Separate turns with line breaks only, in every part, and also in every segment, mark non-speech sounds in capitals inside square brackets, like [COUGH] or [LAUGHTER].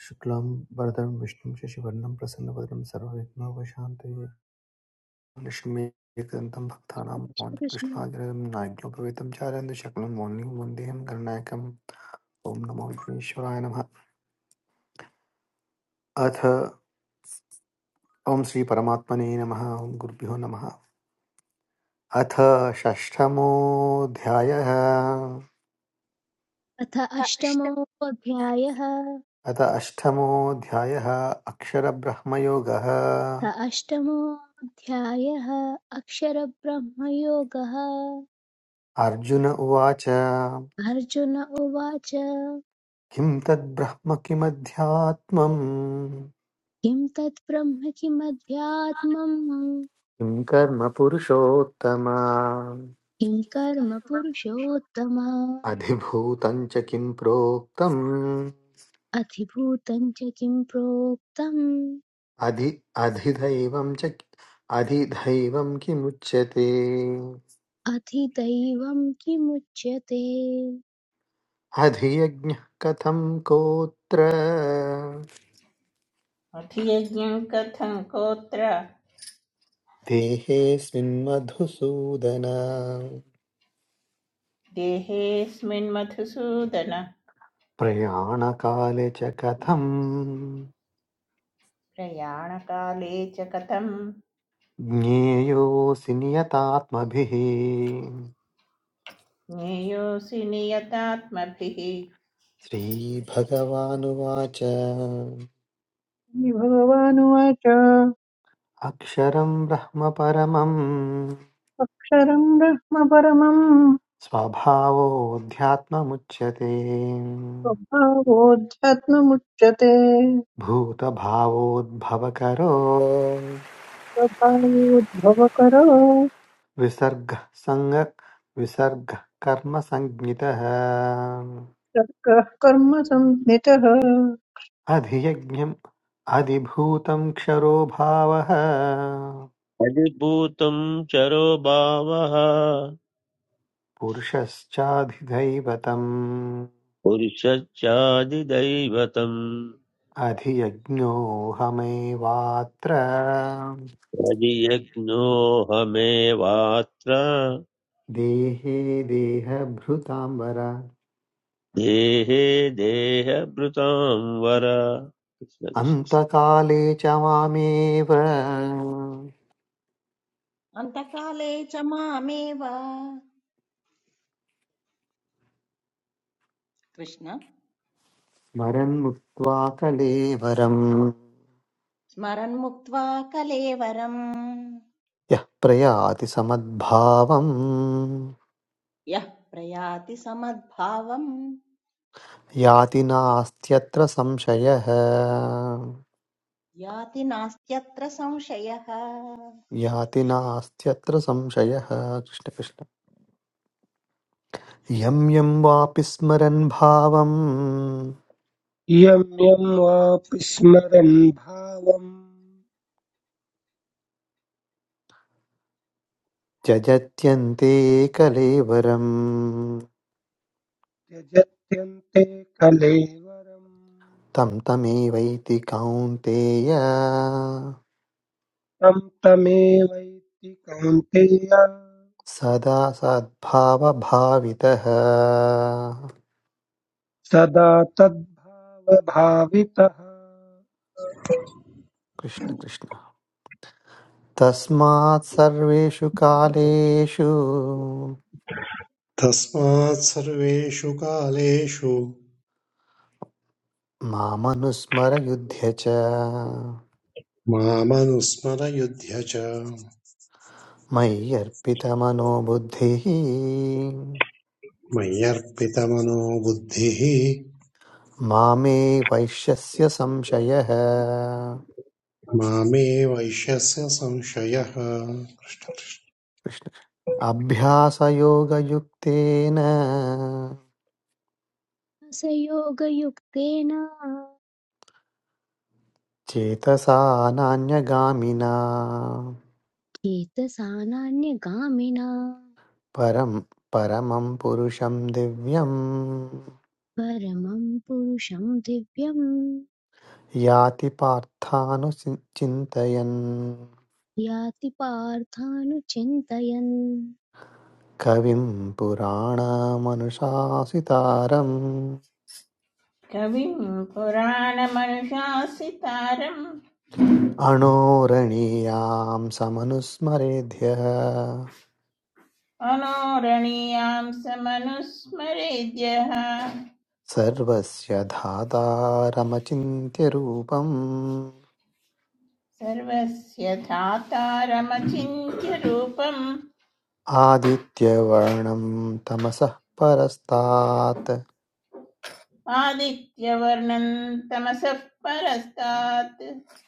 शुक्लां वरदं विष्णुं शशिवर्णं प्रसन्नवदनं सर्वविघ्नोपशान्तये लक्ष्मीकान्तं भक्तानां
कृष्ण
कृष्णाग्रं नाज्ञो भवितं चारयन्तु शक्नुं मोहिनीं वन्देहं गणनायकम् ॐ नमो विश्वेश्वराय नमः अथ ॐ श्रीपरमात्मने नमः ॐ गुरुभ्यो नमः अथ षष्ठमोऽध्यायः
अथ अष्टमोऽध्यायः अथ
अथ अष्टमोऽध्यायः अक्षरब्रह्मयोगः
अष्टमोऽध्यायः अक्षरब्रह्मयोगः
अर्जुन उवाच
अर्जुन उवाच
किं तद्ब्रह्म किमध्यात्मम्
किं तत् ब्रह्म किमध्यात्मम्
किं कर्म पुरुषोत्तम
किं कर्म पुरुषोत्तम
अधिभूतं च किं प्रोक्तम्
अधिभूतं च किं प्रोक्तम्
अधि अधिदैवं च अधिदैवं किमुच्यते
अधिदैवं किमुच्यते
अधियज्ञः कथं कोत्र
अभियज्ञं कथं गोत्र
देहेऽस्मिन् मधुसूदन
देहेऽस्मिन् मधुसूदन
प्रयाणकाले च कथं
प्रयाणकाले च कथं
ज्ञेयोऽसि नियतात्मभिः
ज्ञेयोऽसि नियतात्मभिः
श्रीभगवानुवाच
श्रीभगवानुवाच
अक्षरं ब्रह्म परमं
अक्षरम् ब्रह्म परमम्
स्वभावोऽध्यात्ममुच्यते
स्वभावोऽध्यात्ममुच्यते
भूतभावोद्भवकरो
स्वभावोद्भवकरो
विसर्गः सङ्ग विसर्गः कर्मसञ्ज्ञितः
सर्गः कर्म संज्ञितः
अधियज्ञम् अधिभूतं क्षरो भावः
अधिभूतं चरो भावः
पुरुषश्चाधिदैवतम्
पुरुषश्चादिदैवतम्
अधियज्ञोऽहमेवात्र
यदियज्ञोऽहमेवात्र
देहे देहभृताम्बर
देहे देहभृतां वर
अन्तकाले च मामेव
अन्तकाले च मामेव कृष्ण
स्मरन् मुक्त्वा कलेवरम्
स्मरन्मुक्त्वा कलेवरम्
यः प्रयाति समद्भावम्
यः प्रयाति समद्भावम्
याति नास्त्यत्र संशयः
याति नास्त्यत्र संशयः
याति नास्त्यत्र संशयः कृष्णकृष्ण यं यं वापि स्मरन् भावम्
इयं यं वापि स्मरन् भावं
त्यजत्यन्ते कलेवरम्
त्यजत्यन्ते कलेवरम्
तं तमेवैति कौन्तेय
तं तमेवैति कौन्तेय
सदा सद्भावभावितः
सदा तद्भावभावितः
कृष्ण कृष्ण तस्मात् सर्वेषु कालेषु
तस्मात् सर्वेषु कालेषु
मामनुस्मर युध्य च
मामनुस्मरयुध्य च
मयि अर्पितमनो बुद्धिः
मय्यर्पितमनो बुद्धिः
मामे वैश्यस्य संशयः
मामे वैश्यस्य संशयः
कृष्ण अभ्यासयोगयुक्तेन
स योगयुक्तेन
चेतसा नान्यगामिना
चेतसा नान्यगामिना
परं परमं पुरुषं दिव्यं
परमं पुरुषं दिव्यं
याति पार्थानुचिन्तयन्
याति पार्थानुचिन्तयन्
कविं पुराणमनुशासितारम्
कविं पुराणमनुशासितारम्
अणोरणीयां समनुस्मरेद्यः
अनोरणीयां समनुस्मरेद्यः
सर्वस्य धातारमचिन्त्य रूपम्
सर्वस्य धातारमचिन्त्यरूपम्
आदित्यवर्णं तमसः परस्तात्
आदित्यवर्णं तमसः परस्तात्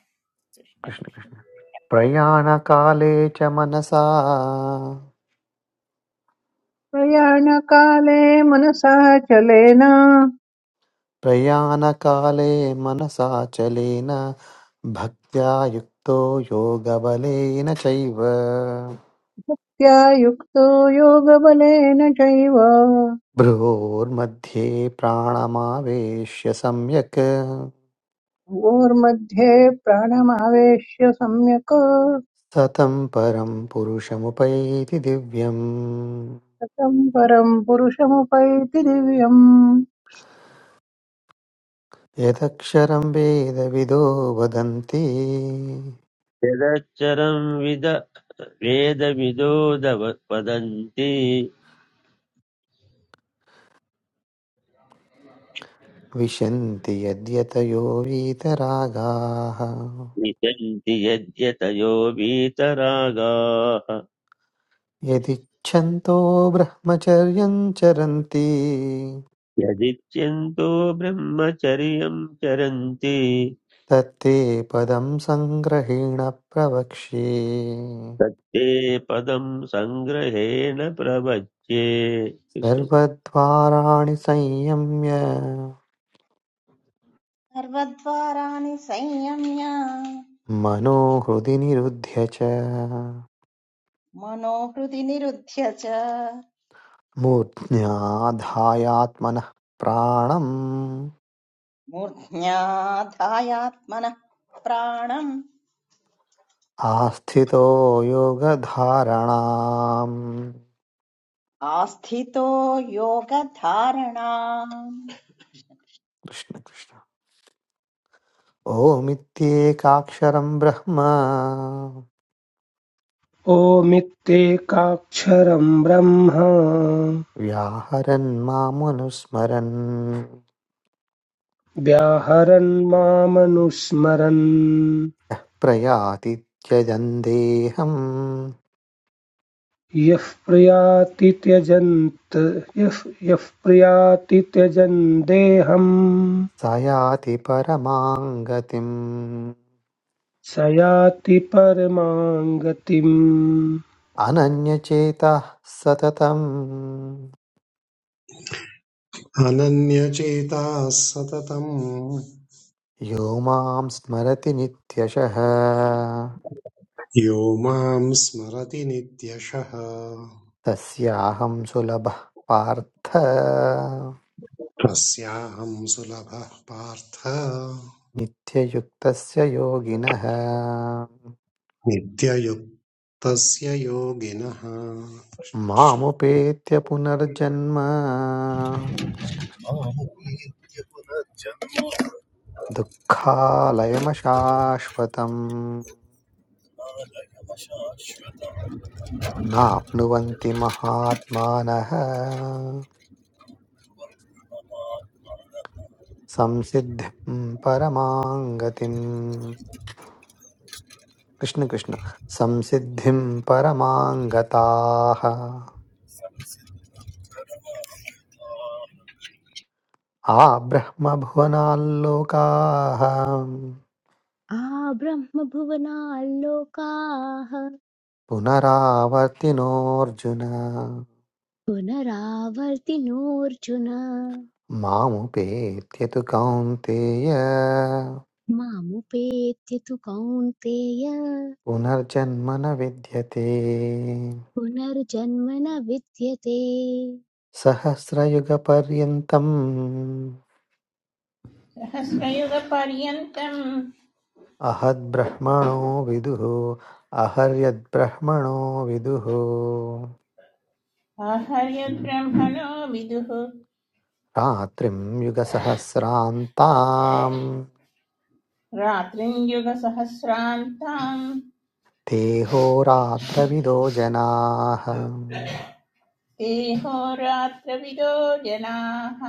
कृष्ण। प्रयाणकाले च मनसा
प्रयाणकाले मनसा चलेन
प्रयाणकाले मनसाचलेन भक्त्या युक्तो योगबलेन चैव
भक्त्या युक्तो योगबलेन चैव
भ्रोर्मध्ये प्राणमावेश्य सम्यक्
भ्योर्मध्ये प्राणमावेश्य सम्यक्
सतं परं पुरुषमुपैति दिव्यम्
शतं परम् पुरुषमुपैति दिव्यम्
यदक्षरं वेदविदो वदन्ति
यदक्षरं विद वेदविदो दव- वदन्ति
विशन्ति यद्यतयो वीतरागाः
विशन्ति यद्यतयो वीतरागाः
यदिच्छन्तो ब्रह्मचर्यं चरन्ति
यदिच्छन्तो ब्रह्मचर्यं चरन्ति
तत्ते पदं सङ्ग्रहेण प्रवक्ष्ये
तत्ते पदं सङ्ग्रहेण प्रवच्ये कृष्ण कृष्ण।
सर्वद्वाराणि संयम्य
सर्वद्वाराणि संयम्य
मनोहृदि निरुध्य च
मनोहृदि निरुध्य च
मूर्ध्याधायात्मनः प्राणम्
मूर्ध्याधायात्मनः प्राणम्
आस्थितो योगधारणाम्
आस्थितो योगधारणा
कृष्ण कृष्ण ओमित्येकाक्षरं ब्रह्म
ओमित्येकाक्षरं ब्रह्म
व्याहरन् मामनुस्मरन्
व्याहरन् मामनुस्मरन्
प्रयाति त्यजन् देहम्
यः प्रियाति त्यजन्त यः यः प्रियाति त्यजन् देहम्
स याति परमां गतिम्
स याति परमां गतिम्
अनन्यचेतः सततम्
अनन्यचेताः सततम्
यो मां स्मरति नित्यशः
यो माम् स्मरति नित्यशः
तस्याहं सुलभः पार्थ
तस्याहम् सुलभः पार्थ
नित्ययुक्तस्य योगिनः
नित्ययुक्तस्य योगिनः
मामुपेत्य पुनर्जन्म
च-
दुःखालयमशाश्वतम् नाप्नुवन्ति महात्मानः संसिद्धिं परमां गतिम् कृष्ण कृष्ण संसिद्धिं परमां गताः आब्रह्मभुवनाल्लोकाः
आब्रह्मभुवनाल्लोकाः
पुनरावर्तिनोऽर्जुन
पुनरावर्तिनोऽर्जुन
मामुपेत्यतु कौन्तेय
मामुपेत्य तु कौन्तेय
पुनर्जन्म न विद्यते
पुनर्जन्म न विद्यते
सहस्रयुगपर्यन्तम्
सहस्रयुगपर्यन्तम्
अहद्ब्रह्मणो विदुः अहर्यद्ब्रह्मणो विदुः
आहर्यद्ब्रह्मणो विदुः
रात्रिं युगसहस्रान्ताम्
रात्रिञ्युगसहस्रान्ताम्
देहोरात्रविदो जनाः
देहोरात्रविदो जनाः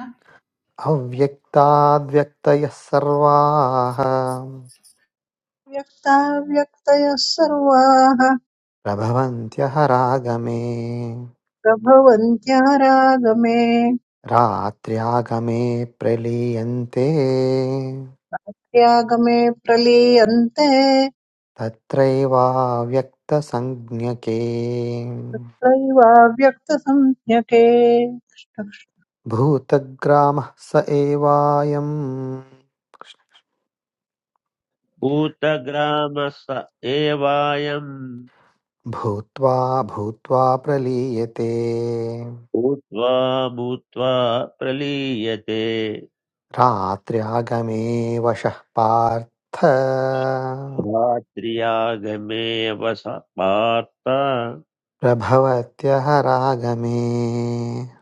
अव्यक्ताद्व्यक्तयः सर्वाः
व्यक्ताव्यक्तयः सर्वाः
प्रभवन्त्यहरागमे
प्रभवन्त्यारागमे
रात्र्यागमे प्रलीयन्ते
त्यागमे प्रलीयन्ते
तत्रैवाव्यक्तसंज्ञके
तत्रैवाव्यक्तसंज्ञके
भूतग्रामः स एवायं
भूतग्रामस एवायम्
भूत्वा भूत्वा प्रलीयते
भूत्वा भूत्वा प्रलीयते
रात्र्यागमे वशः पार्थ
रात्र्यागमे वस पार्थ
प्रभवत्यः रागमे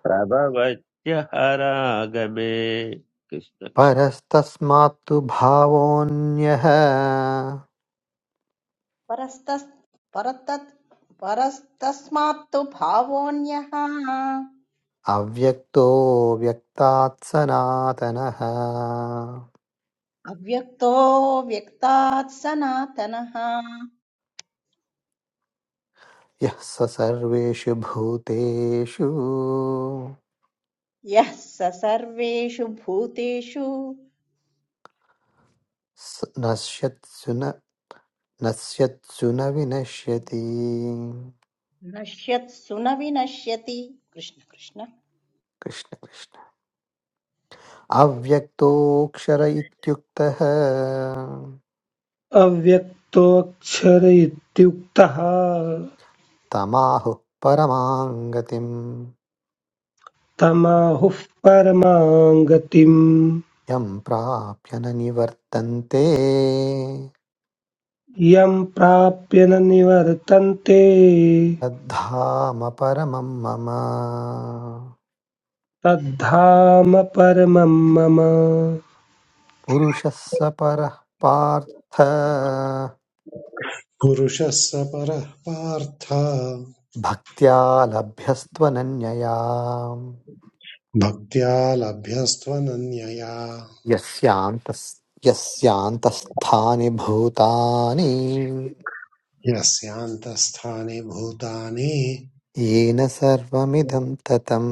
प्रभवत्य हरागमे कृष्ण कृष्ण।
परस्तस्मात्तु भावोऽन्यः
परस्तस्- परतत् परस्तस्मात्तु भावोऽन्यः
अव्यक्तो व्यक्तात् सनातनः
अव्यक्तो व्यक्तात् सनातनः
यः स सर्वेषु भूतेषु
यः स सर्वेषु भूतेषु
स- नश्यत्सु न नश्यत्सु न विनश्यति
नश्यत्सु न विनश्यति कृष्ण कृष्ण
कृष्ण कृष्ण अव्यक्तोऽक्षर इत्युक्तः
अव्यक्तोऽक्षर इत्युक्तः
तमाहुः परमां गतिम्
तमाहुः परमां गतिम्
यं प्राप्य न निवर्तन्ते
यं प्राप्य न निवर्तन्ते
तद्धाम परमं मम
तद्धाम परमं मम
पुरुषः स परः पार्थ
पुरुषः स परः पार्थ
भक्त्या लभ्यस्त्वनन्यया
भक्त्या लभ्यस्त्वनन्यया
यस्यान्तस् यस्यान्तस्थानि भूतानि
यस्यान्तःस्थानि भूतानि
येन सर्वमिदं ततम्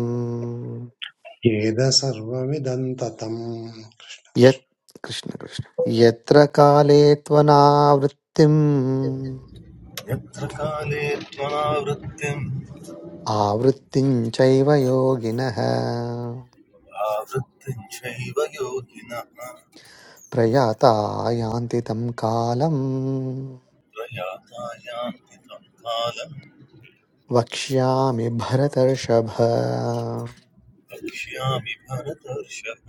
येद सर्वमिदं ततम्
यत् कृष्ण कृष्ण यत्र काले त्वनावृत्तिम्
यत्र काले त्वनावृत्तिम्
आवृत्तिं चैव योगिनः
आवृत्तिम् चैव योगिनः
प्रयाता यान्ति तं कालम्
प्रयाता यान्ति तं कालम्
वक्ष्यामि भरतर्षभ
वक्ष्यामि भरतर्षभ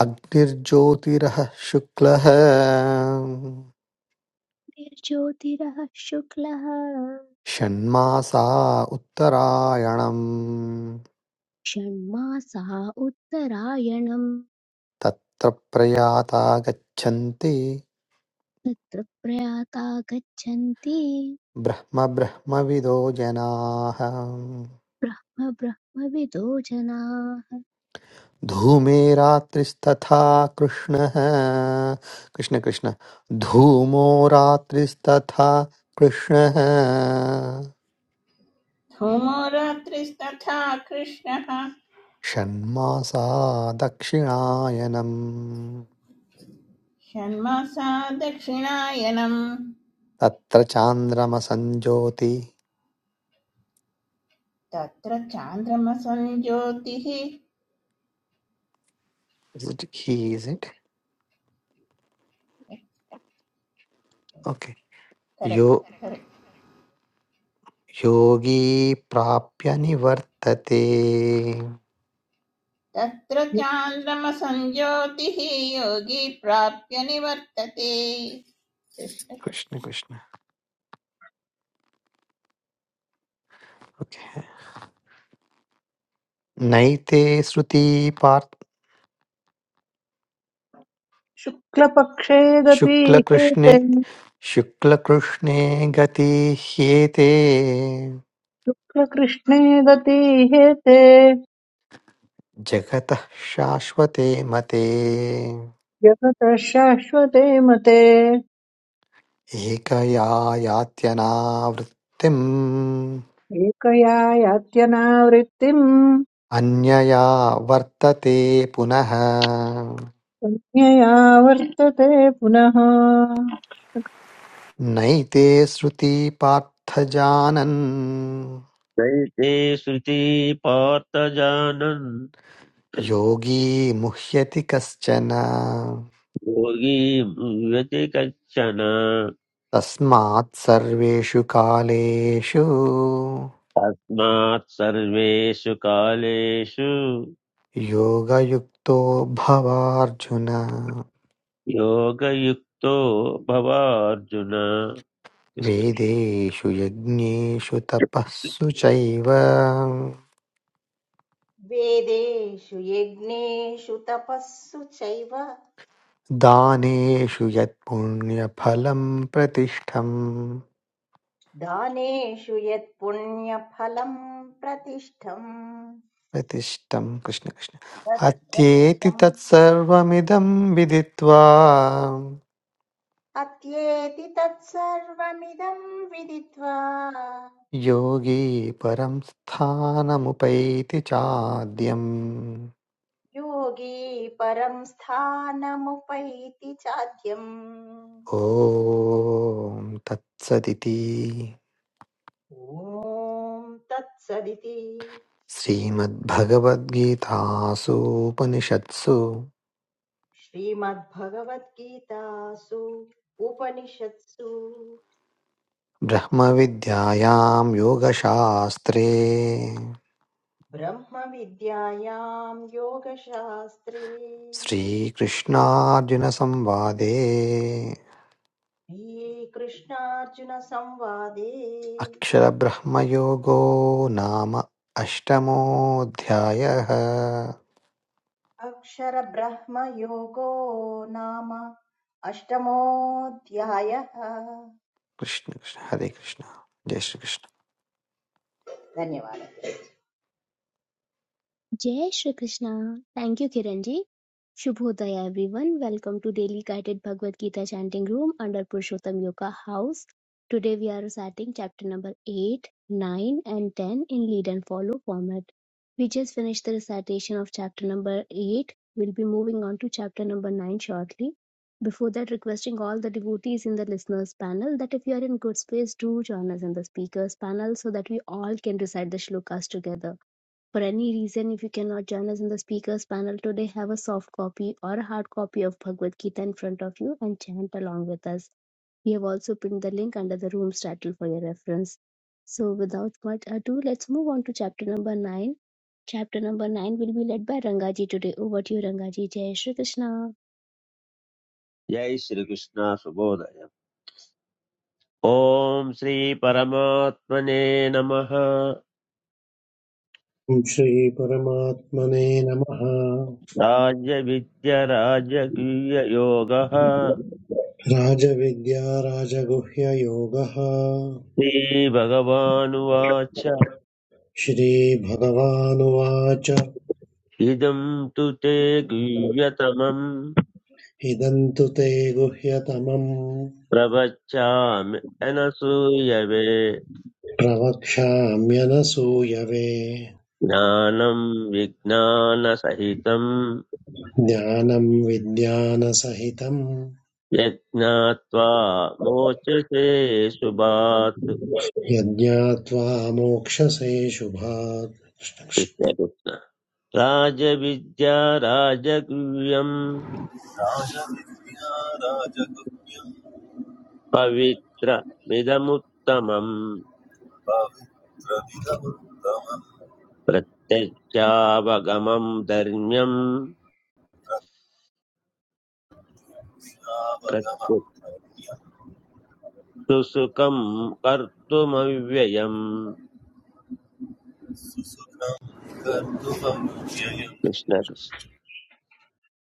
अग्निर्ज्योतिरः शुक्लः
निर्ज्योतिरः शुक्लः
षण्मासा उत्तरायणम्
षण्मासा उत्तरायणम्
तत्र प्रयाता गच्छन्ति
तत्र प्रयाता गच्छन्ति
ब्रह्मब्रह्मविदो जनाः
布拉，布拉，我被捉拿。
धूमे रात्रिस्तथा कृष्णः कृष्ण कृष्ण धूमो रात्रिस्तथा कृष्णः
धूमो रात्रिस्तथा कृष्णः
षण्मासा दक्षिणायनम्
षण्मासा दक्षिणायनम्
तत्र चान्द्रमसञ्जोति
तत्र चान्द्रमसञ्ज्योतिः
Is it he, is it? Okay.
Correct
यो
करेक्ट्
योगी प्राप्य निवर्तते
तत्र चान्द्रमसञ्ज्योतिः योगी प्राप्य निवर्तते
कृष्ण कृष्ण ओके नैते श्रुति पार्थ
शुक्लपक्षे
शुक्लकृष्णे
गतीहेते
शुक्लकृष्णे गति ह्येते
शुक्लकृष्णे गतीहेते
जगतः शाश्वते मते
जगतः शाश्वते मते
एकया यात्यनावृत्तिम्
एकया यात्यनावृत्तिम्
अन्यया वर्तते पुनः
अन्यया वर्तते पुनः
नैते श्रुति पार्थ जानन्
चैते श्रुति पार्थजानन्
योगी मुह्यति कश्चन
योगी मुह्यति कच्छन
तस्मात् सर्वेषु कालेषु
तस्मात् सर्वेषु कालेषु
योगयुक्तो भवार्जुन
योगयुक्तो भवार्जुन कृष्ण
वेदेषु यज्ञेषु तपःसु चैव
वेदेषु यज्ञेषु तपस्सु चैव
दानेषु यत्पुण्यफलं प्रतिष्ठम्
दानेषु यत्पुण्यफलम् प्रतिष्ठम्
प्रतिष्ठं कृष्ण कृष्ण
तत्
अत्येति
प्रतिष्ठं
तत्सर्वमिदं विदित्वा
अत्येति तत्सर्वमिदं विदित्वा
योगी परं स्थानमुपैति चाद्यम्
योगी परं स्थानमुपैति चाद्यम्
ॐ तत्सदिति
ॐ तत्सदिति
श्रीमद्भगवद्गीतासूपनिषत्सु
श्रीमद्भगवद्गीतासु उपनिषत्सु
ब्रह्मविद्यायां योगशास्त्रे
ब्रह्मविद्यायां योगशास्त्रे
श्रीकृष्णार्जुनसंवादे
श्रीकृष्णार्जुनसंवादे
अक्षरब्रह्मयोगो नाम अष्टमोऽध्यायः
अक्षरब्रह्मयोगो नाम अष्टमोऽध्यायः
कृष्ण कृष्ण हरे कृष्ण जय श्रीकृष्ण
धन्यवादः
Jai Shri Krishna. Thank you, Kiranji. Shubhodaya, everyone. Welcome to Daily Guided Bhagavad Gita Chanting Room under Purushottam Yoga House. Today we are reciting chapter number 8, 9, and 10 in lead and follow format. We just finished the recitation of chapter number 8. We'll be moving on to chapter number 9 shortly. Before that, requesting all the devotees in the listeners panel that if you are in good space, do join us in the speakers panel so that we all can recite the shlokas together. For any reason, if you cannot join us in the speakers panel today, have a soft copy or a hard copy of Bhagavad Gita in front of you and chant along with us. We have also pinned the link under the room's title for your reference. So, without much ado, let's move on to chapter number 9. Chapter number 9 will be led by Rangaji today. Over to you, Rangaji. Jai Shri Krishna.
जय श्रीकृष्ण सुबोधय ॐ श्रीपरमात्मने नमः
ॐ श्रीपरमात्मने नमः
राजविद्यराजगीययोगः
राजविद्या राजगुह्ययोगः
श्रीभगवानुवाच
श्रीभगवानुवाच
इदं तु ते गुह्यतमम्
इदं तु ते गुह्यतमम्
प्रवच्यामि अनसूयवे
प्रवक्ष्याम्यनसूयवे
ज्ञानं विज्ञानसहितं
ज्ञानं विज्ञानसहितम्
यज्ञात्वा मोचसे शुभात्
यज्ञात्वा मोक्षसे शुभात् कृष्णकृष्ण
कृष्णकृष्ण राजविद्या राजगुह्यम्
राजविद्या राजगुह्यम्
पवित्रमिदमुत्तमम्
पवित्रदिगमुत्तमनावगमः
प्रत्यक्षावगमम् धर्म्यम् प्रत्यक्षु सुखम् कर्तुमव्ययम्
सुसुखम् कर्तुमव्ययम्
कृष्णकृष्ण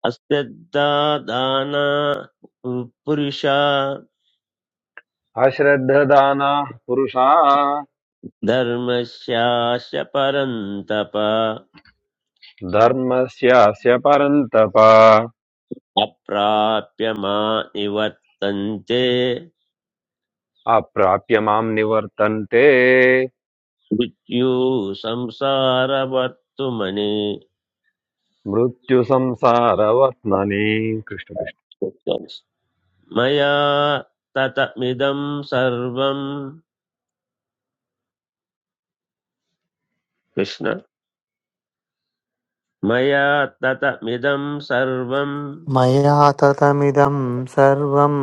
अस्य दाना पुरुषा
अश्रद्धदानाः पुरुषाः
धर्मस्यास्य परन्तप
धर्मस्यास्य परन्तप
अप्राप्य मा निवर्तन्ते
अप्राप्य मां निवर्तन्ते
मृत्यु संसारवर्तुमनि
मृत्युसंसारवर्त्मनि कृष्ण कृष्ण
मया ततमिदं सर्वं कृष्ण मया ततमिदं सर्वं
मया ततमिदं सर्वं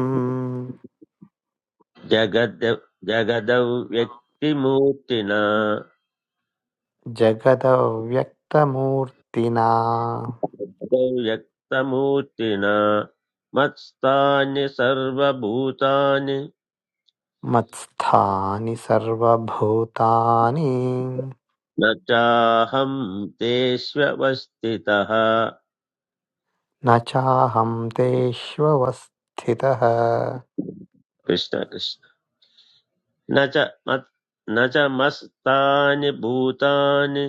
जगद जगदौ व्यक्तिमूर्तिना
जगदव्यक्तमूर्तिना
जगदौ व्यक्तमूर्तिना मत्स्थानि सर्वभूतानि
मत्स्थानि सर्वभूतानि
न चाहं तेष्वस्थितः
न चाहं तेष्वस्थितः
कृष्ण कृष्ण न च मत् न च मस्तानि भूतानि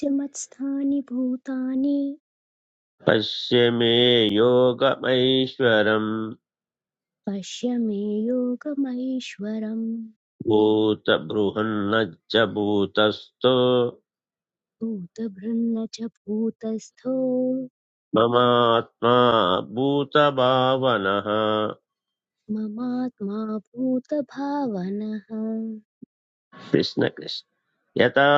चमत्स्थानि भूतानि
पश्य मे योगमैश्वरम्
पश्य मे योगमैश्वरम्
भूतबृहन्न च भूतस्थो
भूतभृन्न च भूतस्थो
ममात्मा भूतभावनः
ममात्मा भूतभावनः
कृष्ण कृष्ण यथा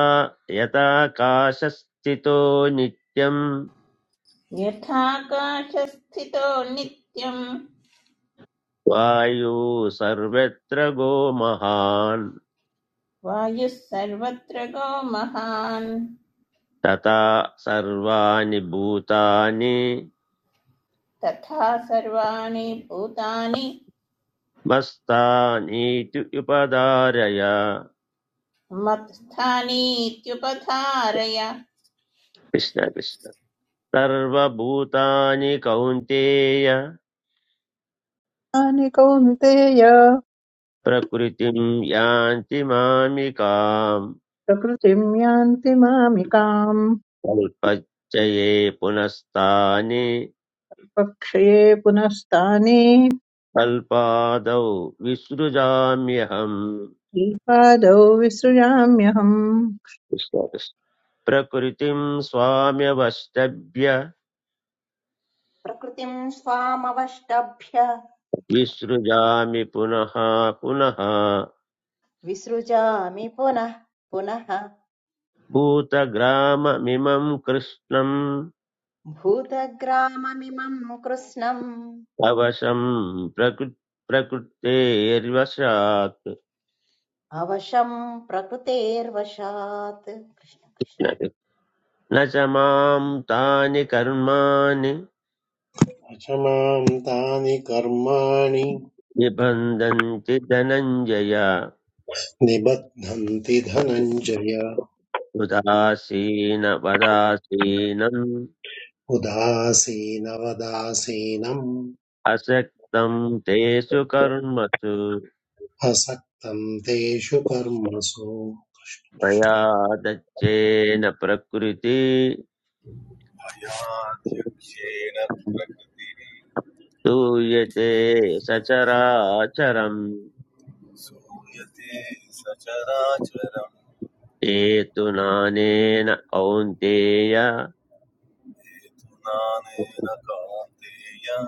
यथाकाशस्थितो नित्यं
यथाकाशस्थितो नित्यम्
वायु सर्वत्र गो महान्
वायुः सर्वत्र गो महान्
तत्रवानि बुद्धानि
तथा सर्वाणि भूतानि
मस्तानि तु युपदर्ययः
मत्स्थानीत्युपधारय
पिष्टने पिष्टने तर्वा बुद्धानि काउंतीयः
तानि कौन्तेय
प्रकृतिम् यांति मामिकां
प्रकृतिं यान्ति मामिकाम्
अल्पचये पुनस्तानि
पक्षये पुनस्ताने
अल्पादो विश्रुजाम्यहम्
श्रीपादौ विसृजाम्यहम्
पिष्टने प्रकृतिम् स्वाम्यवस्तब्य
प्रकृतिं स्वामवष्टभ्य
विश्रुजामि पुनः पुनः
विसृजामि पुनः पुनः
पुत्रग्राम मिमम् कृष्णम्
भूतग्राममिमं कृत्स्नम्
तावसम् प्रकृतेर्वशक्
अवशं प्रकृतेर्वशात् कृष्ण कृष्ण
नचमाम् तानि कर्मानि
तानि कर्माणि
इबंधं चिदानंजया
निबध्नन्ति धनञ्जय
पुदाशी न पुदाशीनम्
उदासीनवदासीनम्
असेक्तम् तेशु कर्मसु
असक्तं तेषु कर्मसु
भयादच्छे न प्रकृति
भयाध्यक्षेण प्रकृतिः
तु यते सचराचरम्
सूयते सचराचरम्
हेतु नानेन कौन्तेय
हेतुनानेन कान्तेय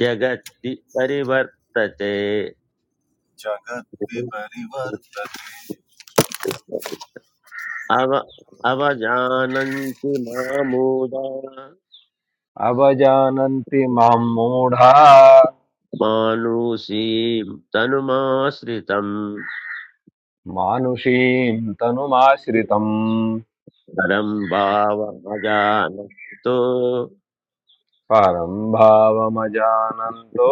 जगति परिवर्तते
जगद्विपरिवर्तते
अव अवजानन्ति मामूढा
अवजानन्ति मां मूढा
मानुषीं तनुमाश्रितम्
मानुषीं तनुमाश्रितम्
परं भावमजानन्तो
परं भावमजानन्तो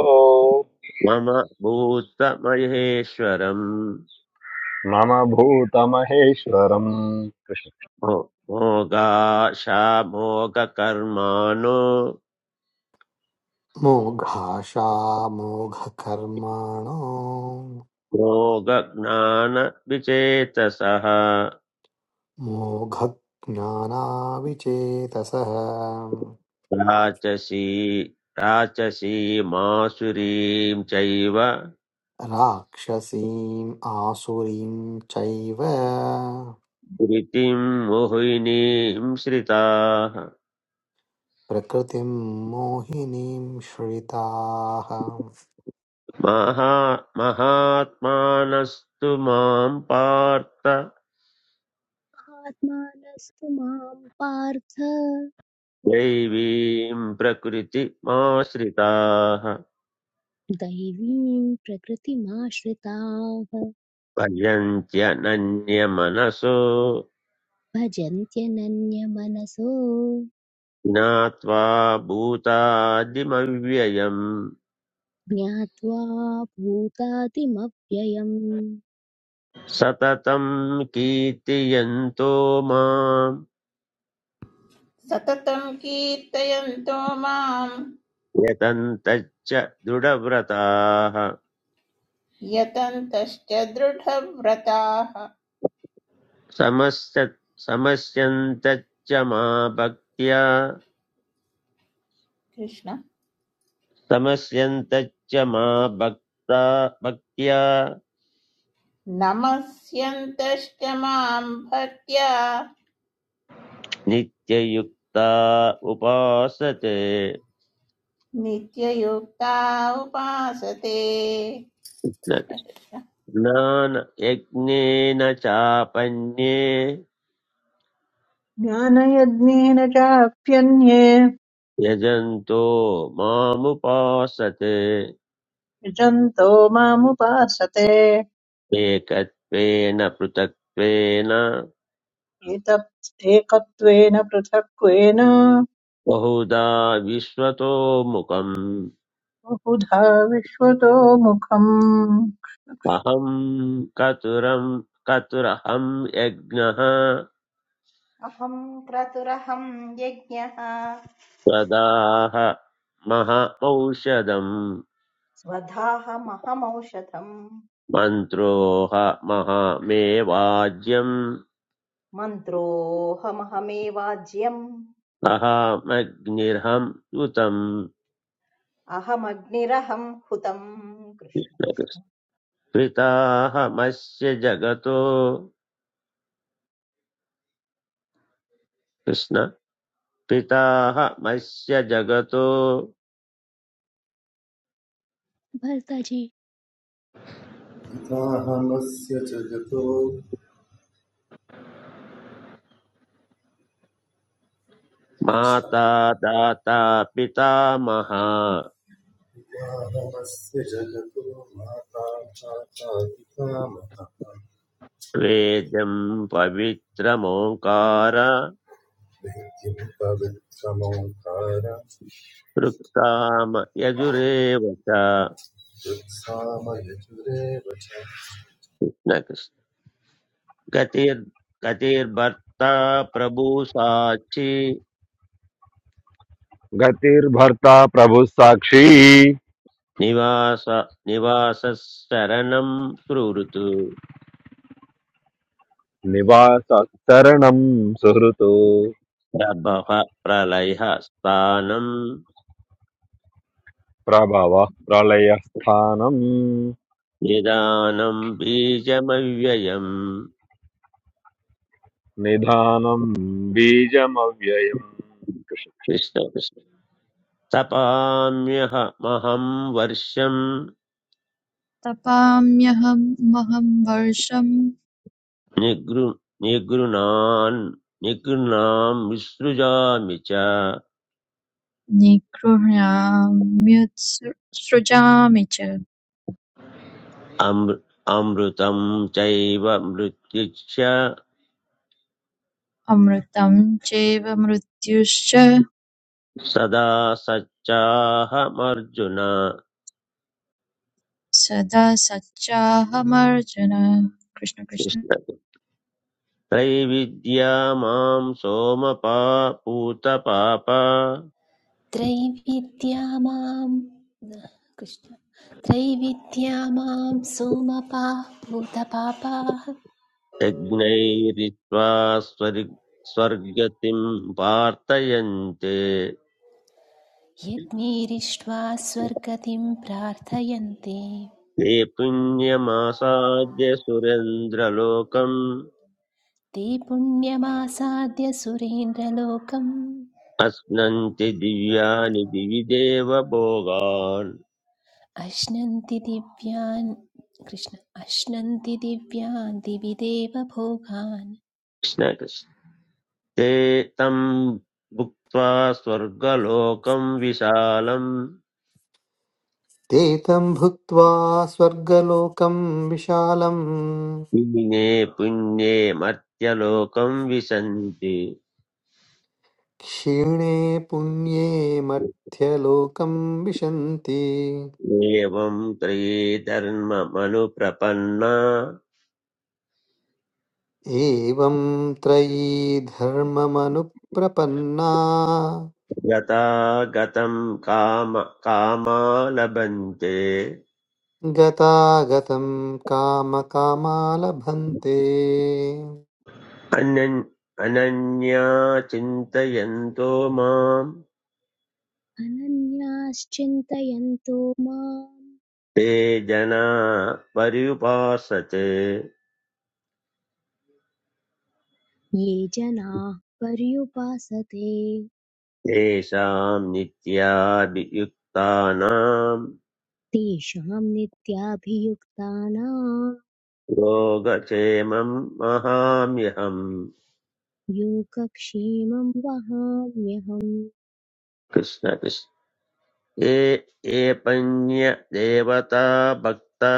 मम भूतमहेश्वरम्
मम भूतमहेश्वरम् कृष्ण
मोगाशामोगकर्माणो
मोघाशा मोघकर्माणो
योगज्ञानविचेतसः
मोघज्ञानाविचेतसः
राचसी राचसीमासुरीं चैव
राक्षसीम् आसुरीं चैव
धृतिं मोहिनीं श्रिताः
प्रकृतिं मोहिनीं श्रिताः
महा महात्मानस्तु मां पार्थ
आत्मानस्तु मां पार्थ
दैवीं प्रकृतिमाश्रिताः
दैवीं प्रकृतिमाश्रिताः
पर्यन्त्यनन्यमनसो
भजन्त्यनन्यमनसो
ज्ञात्वा भूतादिमव्ययम्
ज्ञात्वा भूतादिमव्ययम्
सततं कीर्तयन्तो माम्
सततम् कीर्तयन्तो माम्
यतन्तच्च दृढव्रताः
यतन्तश्च दृढव्रताः
समस्य समस्यन्तच्च मा भक्त्या
कृष्ण
समस्यन्तच्च मा भक्ता भक्त्या
नमस्यन्तश्च माम् भक्त्या
नित्ययुक्ता उपासते
नित्ययुक्ता उपासते
न- स्नानयज्ञेन चापन्ये
ज्ञानयज्ञेन चाप्यन्ये
यजन्तो मामुपासते
यजन्तो मामुपासते
एकत्वेन पृथक्त्वेन
एतत् एकत्वेन पृथक्त्वेन
बहुधा विश्वतोमुखम्
बहुधा विश्वतो मुखम्
अहं कतुरं कतुरहं यज्ञः
अहं क्रतुरहं यज्ञः
स्वदाह महमौषधम्
स्वधाहमहमौषधम्
मन्त्रोऽह महामेवाज्यं
मन्त्रोऽहमहमेवाज्यम्
अहमग्निर्हं युतम्
अहमग्निरहं हुतम् कृष्ण कृष्ण।
पिताहमस्य जगतो कृष्ण पिताहमस्य जगतो
भर्ताजी
पिताहमस्य जगतो कृष्ण
माता दाता पितामहः
पिताहमस्य जगतो माता चाचा पितामहः
वेदं पवित्रमोङ्कार
नित्यं तदक्षमोकार
वृक्ताम यजुरेव च
कृत्सामयचुरेव च
न कृष्ण। गतिर् गतिर्भर्ता प्रभुसाक्षी
गतिर्भर्ता प्रभुः साक्षी
निवास निवासशरणं सुहृत्
निवास शरणं सुहृतो
प्रभः प्रलयः स्थानं
प्रभवः प्रलयस्थानं
निदानं बीजमव्ययम्
निधानं बीजमव्ययम् कृष्ण
कृष्ण कृष्ण। तपाम्यहमहं वर्षं
तपाम्यहमहं वर्षं
निगृ निगृणान् निगृणां विसृजामि च
निगृह्णाम्युत्सृजामि च
अमृ अमृतं चैव मृत्युश्च
अमृतं चैव मृत्युश्च
सदा सच्चाहमर्जुन
सदा सच्चाहमर्जन कृष्ण कृष्ण
कृष्ण त्रैविद्या मां सोमपा पूतपाप
त्रैविद्या मां कृष्ण त्रैविद्या मां सोमपाः भूतपापाः
यज्ञैरित्वा स्वर्ग स्वर्गतिं प्रार्थयन्ते
यद्मीरिष्ट्वा स्वर्गतिं प्रार्थयन्ते
नेपुण्यमासादेशुरेंद्रलोकम
ते पुण्यमासाद्य सुरेन्द्रलोकम्
अस्नंते दिव्यानिदिविदेवबोगाल
अश्नन्ति दिव्यान् कृष्ण अश्नन्ति दिव्यान् दिवि देवभोगान्
स्नेहस्तेतम् बुक्तवास्वर्गलोकम् विशालम
ते तं भुक्त्वा स्वर्गलोकं विशालम्
निनेपुण्यमर्यालोकम् विसंजी
क्षीणे पुण्ये मध्यलोकं विशन्ति
एवं त्रिदर्नमानुप्रपन्ना
एवं त्रयी धर्ममनुप्रपन्ना
यतागतम् काम कामलब्धे
गतागतं कामकामालभन्ते
अनन्- अनन्या चिन्तयन्तो माम्
अनन्याश्चिन्तयन्तो माम्
ते जना पर्युपासते
ये जनाः पर्युपासते
तेषां नित्याभियुक्तानां
तेषां नित्याभियुक्तानां
योगक्षेमं महाम्यहम्
योगक्षेमं वहाम्यहम्
कृष्ण कृष्ण ये ये पञ्यदेवता भक्ता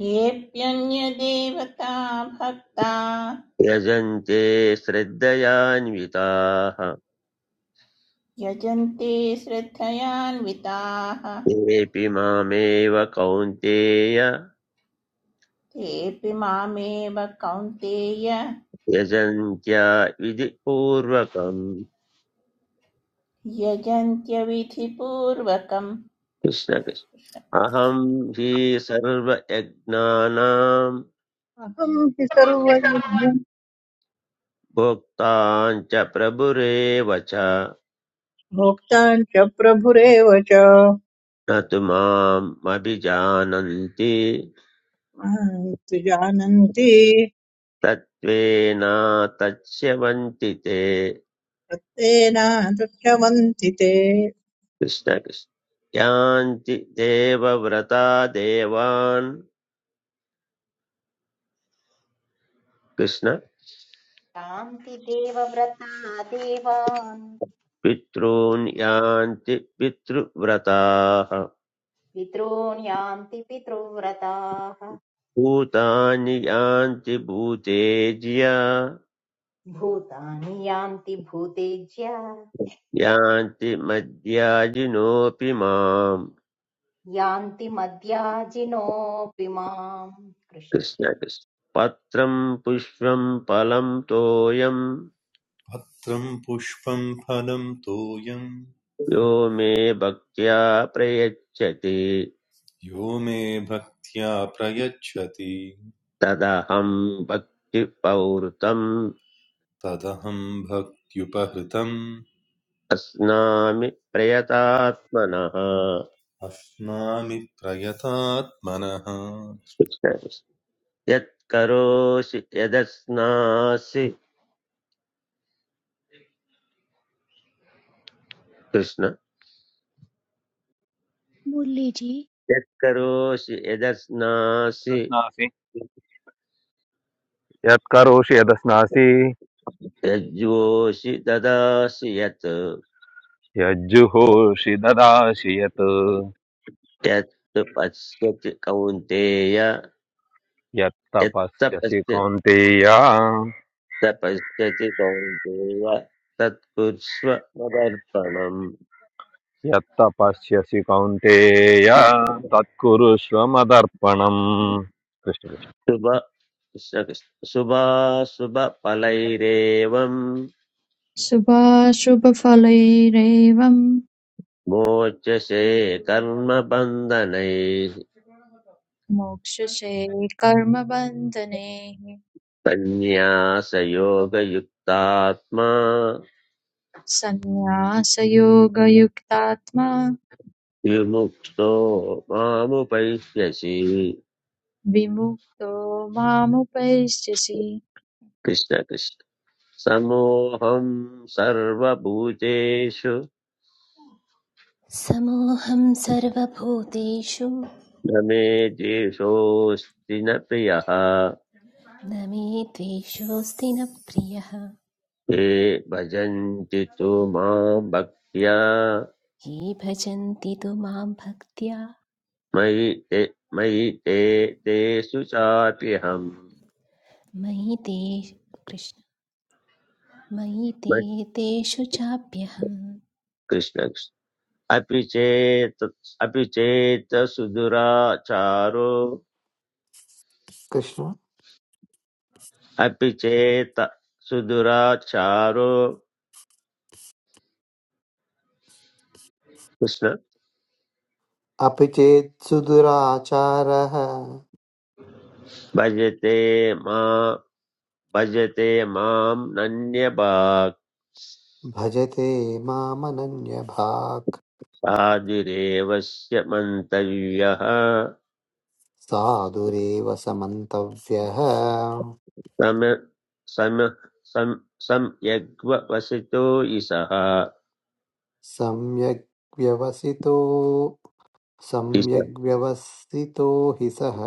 येऽप्यन्यदेवता भक्ता
यजन्ते श्रद्धयान्विताः
यजन्ते श्रद्धयान्विताः
तेऽपि मामेव कौन्तेय
तेऽपि मामेव कौन्तेय
यजन्त्या विधि पूर्वकम्
यजन्त्यविधिपूर्वकम्
कृष्ण कृष्ण अहं हि सर्वयज्ञानां
अहं हि सर्वैर्भुक्तान्
भोक्तां च प्रभुरेव च न
भोक्तान् च प्रभुरेव च
तु माम् अभिजानन्ति
मां तु जानन्ति
तत्त्वेन तत्स्यवन्ति ते
तत्तेनादृष्टवन्ति ते
कृष्ण कृष्ण यान्ति देवव्रता देवान् कृष्ण
यान्ति देवव्रता देवान्
पितॄन् यान्ति पितृव्रताः
पितॄन् यान्ति पितृव्रताः
भूतानि यान्ति भूतेज्य
भूतानि यान्ति भूतेज्य
यान्ति मद्याजिनोऽपि माम्
यान्ति मद्याजिनोऽपि माम् कृष्ण
कृष्ण
कृष्ण
कृष्ण पत्रम् पुष्पम् फलम् तोयम्
पत्रं पुष्पं फलं तोयं
यो मे भक्त्या प्रयच्छति
यो मे भक्त्या प्रयच्छति
तदहम् भक्तिपौर्तम्
तदहं भक्त्युपहृतम्
अस्नामि प्रयतात्मनः
अश्नामि प्रयतात्मनः
कृष्ण कृष्ण यत्करोषि यदस्नासि कृष्ण
मुरलीजी
यत्करोषि यदश्नासि
यदस्नासि यत्करोषि यदस्नासि
यज्जोषि ददासि यत्
यज्जुहोषि ददासि यत्
यत्तु पश्यति कौन्तेय यत्त
यत्तपस्यसि
पश्यति
कौन्तेय
स पश्यति कौन्तेय तत्कुर्स्व मदर्पणम्
यत्तपस्यसि कौन्तेय तत्कुरुष्व मदर्पणम् कृष्ण कृष्ण
शुभ शुभाशुभफलैरेवम्
शुभाशुभफलैरेवं
मोचसे कर्मबन्धनैः
मोक्षसे कर्मबन्धने
सन्न्यासयोगयुक्तात्मा
सन्न्यासयोगयुक्तात्मा
विमुक्तो मामुपैष्यसि
विमुक्तो मामुपैस्यसि
कृष्ण कृष्ण समोऽहं सर्वभूतेषु
समोऽहं सर्वभूतेषु
न मे द्वेषोऽस्ति न प्रियः
न मे द्वेषोऽस्ति न प्रियः
ये भजन्ति तु मां भक्त्या
ये भजन्ति तु मां भक्त्या
मयि ते मयि ते तेषु चाप्यहम्
मयि ते कृष्ण मयि ते
म-
तेषु चाप्यहं
कृष्ण कृष्ण। अपि चेत् अपि चेत् सुदुराचारो
कृष्ण
अपि चेत् सुदुराचारो कृष्ण
अपि चेत् सुदुराचारः
भजते मा भजते माम् नन्यभाक्
भजते मामनन्यभाक्
साधुरेवस्य मन्तव्यः
साधुरेव समन्तव्यः
सम सम सम संयग्वसितो इसः
सम्यग् व्यवसितो
इस
सम्यग्
कृष्ण
व्यवसितो हि सः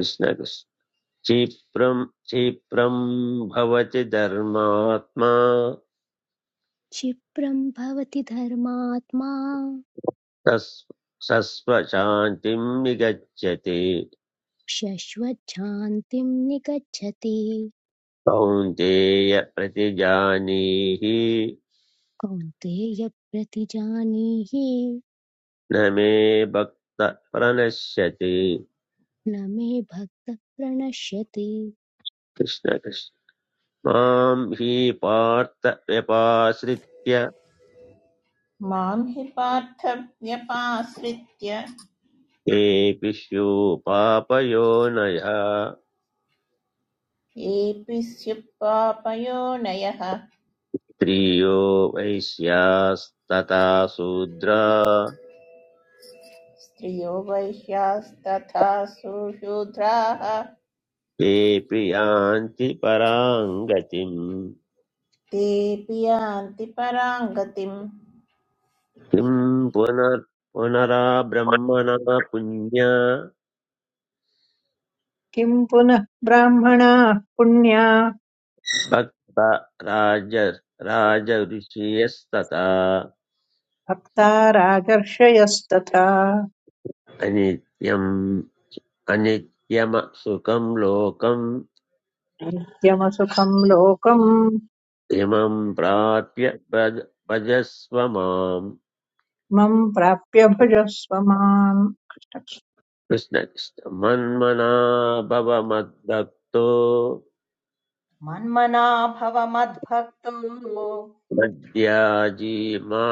कृष्ण क्षिप्रम् क्षिप्रम् भवति धर्मात्मा
क्षिप्रं भवति धर्मात्मा
सस्व सस्वशान्तिम् निगच्छति
शश्वच्छान्तिं निगच्छति
कौन्तेय प्रतिजानीहि
कौन्तेय प्रतिजानीहि
न मे भक्त प्रणश्यति
न मे भक्त प्रणश्यति
कृष्ण कृष्ण मां हि पार्थ व्यपाश्रित्य
मां हि पार्थव्यपाश्रित्य
केऽपिष्यो पापयोनयः
येऽपि स्युः पापयोनयः
स्त्रियो वैश्यास्तथा शूद्रा
स्त्रियो वैश्यास्तथा सुशूद्राः
तेऽपि यान्ति परां गतिम्
तेऽपि यान्ति पराङ्गतिम्
किं पुनर् पुनरा ब्रह्मणः पुण्य
किं पुनः ब्राह्मणाः पुण्या
भक्त राज राजऋषयस्तथा
भक्ता राजर्षयस्तथा
अनित्यम् अनित्यमसुखं लोकं
यमसुखं लोकं
इमं प्राप्य भज भजस्व माम्
मम प्राप्य भुजस्व माम्
कृष्ण कृष्ण। मन्मना भव मद्भक्तो
मन्मना भव मद्भक्तो
मद्याजी मा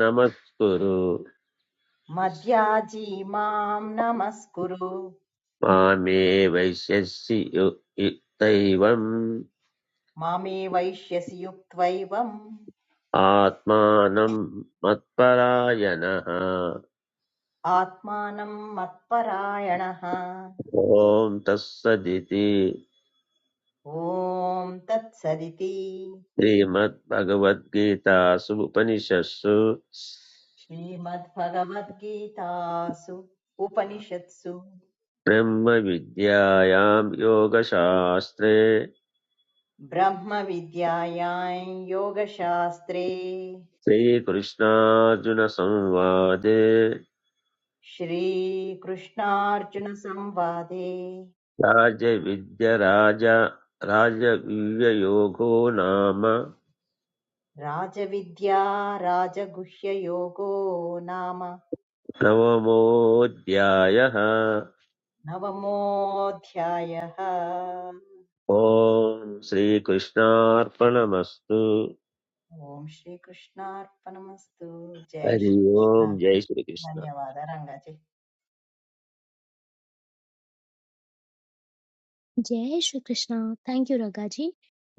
नमस्कुरु
मद्याजी माम् नमस्कुरु
मामे वैश्यसि यु- यु- दैवम्
मामे वैश्यसि युक्त्वैवम्
आत्मानं मत्परायणः
आत्मानम् मत्परायणः
ॐ तत्सदिति
ॐ तत्सर्गिति
श्रीमद्भगवद्गीतासु उपनिषत्सु
श्रीमद्भगवद्गीता सु उपनिषदः
प्रेम विद्यायां योग शास्त्रे
ब्रह्मा विद्यायां योगशास्त्रे
स्वी कृष्णाजुनसंवादे
श्रीकृष्णार्चुन्नसंवादे
राज्य विद्यराजा राज्य विद्य योगो नामा
राजविद्या राजगुच्छयोगो नामा
नमः शिवाय हा
नवमो ध्यायः
ओम श्री कृष्णार्पणमस्तु
ओम श्रीकृष्णार्पणमस्तु जय
हरि
श्रीकृष्ण
ओम जय श्री कृष्णा
धन्यवाद रंगाचे
जय Shri Krishna thank you Ranga ji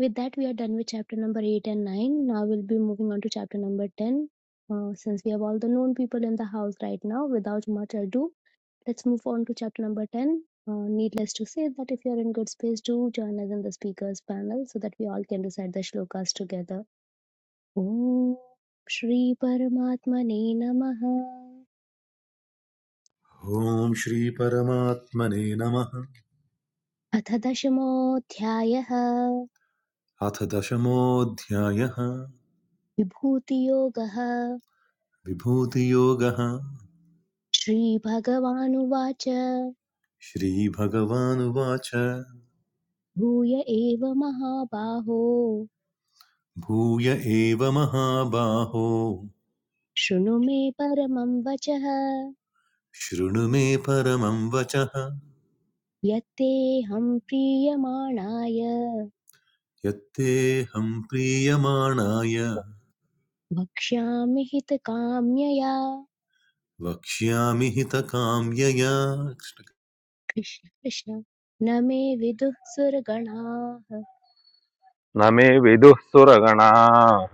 with that we are done with chapter number 8 and 9 now we'll be moving on to chapter number 10 Uh, since we have all the known people in the house right now without much ado Let's move on to chapter number 10. Uh, needless to say that if you are in good space, do join us in the speakers panel so that we all can recite the shlokas together. Om Shri Paramatmane Namaha
ॐ श्री परमात्मने नमः
अथ दशमोऽध्यायः
अथ दशमोऽध्यायः
विभूतियोगः
विभूतियोगः
श्रीभगवानुवाच
श्रीभगवानुवाच
भूय एव महाबाहो
भूय एव महाबाहो
शृणु मे परमं वचः
शृणु मे परमं वचः
यत्तेऽहं प्रीयमाणाय
यत्तेऽहं प्रीयमाणाय
भक्ष्यामि हितकाम्यया
वक्ष्यामि हितकाम्यया
कृष्ण कृष्ण न मे विदुः सुरगणाः
न मे विदुः सुरगणा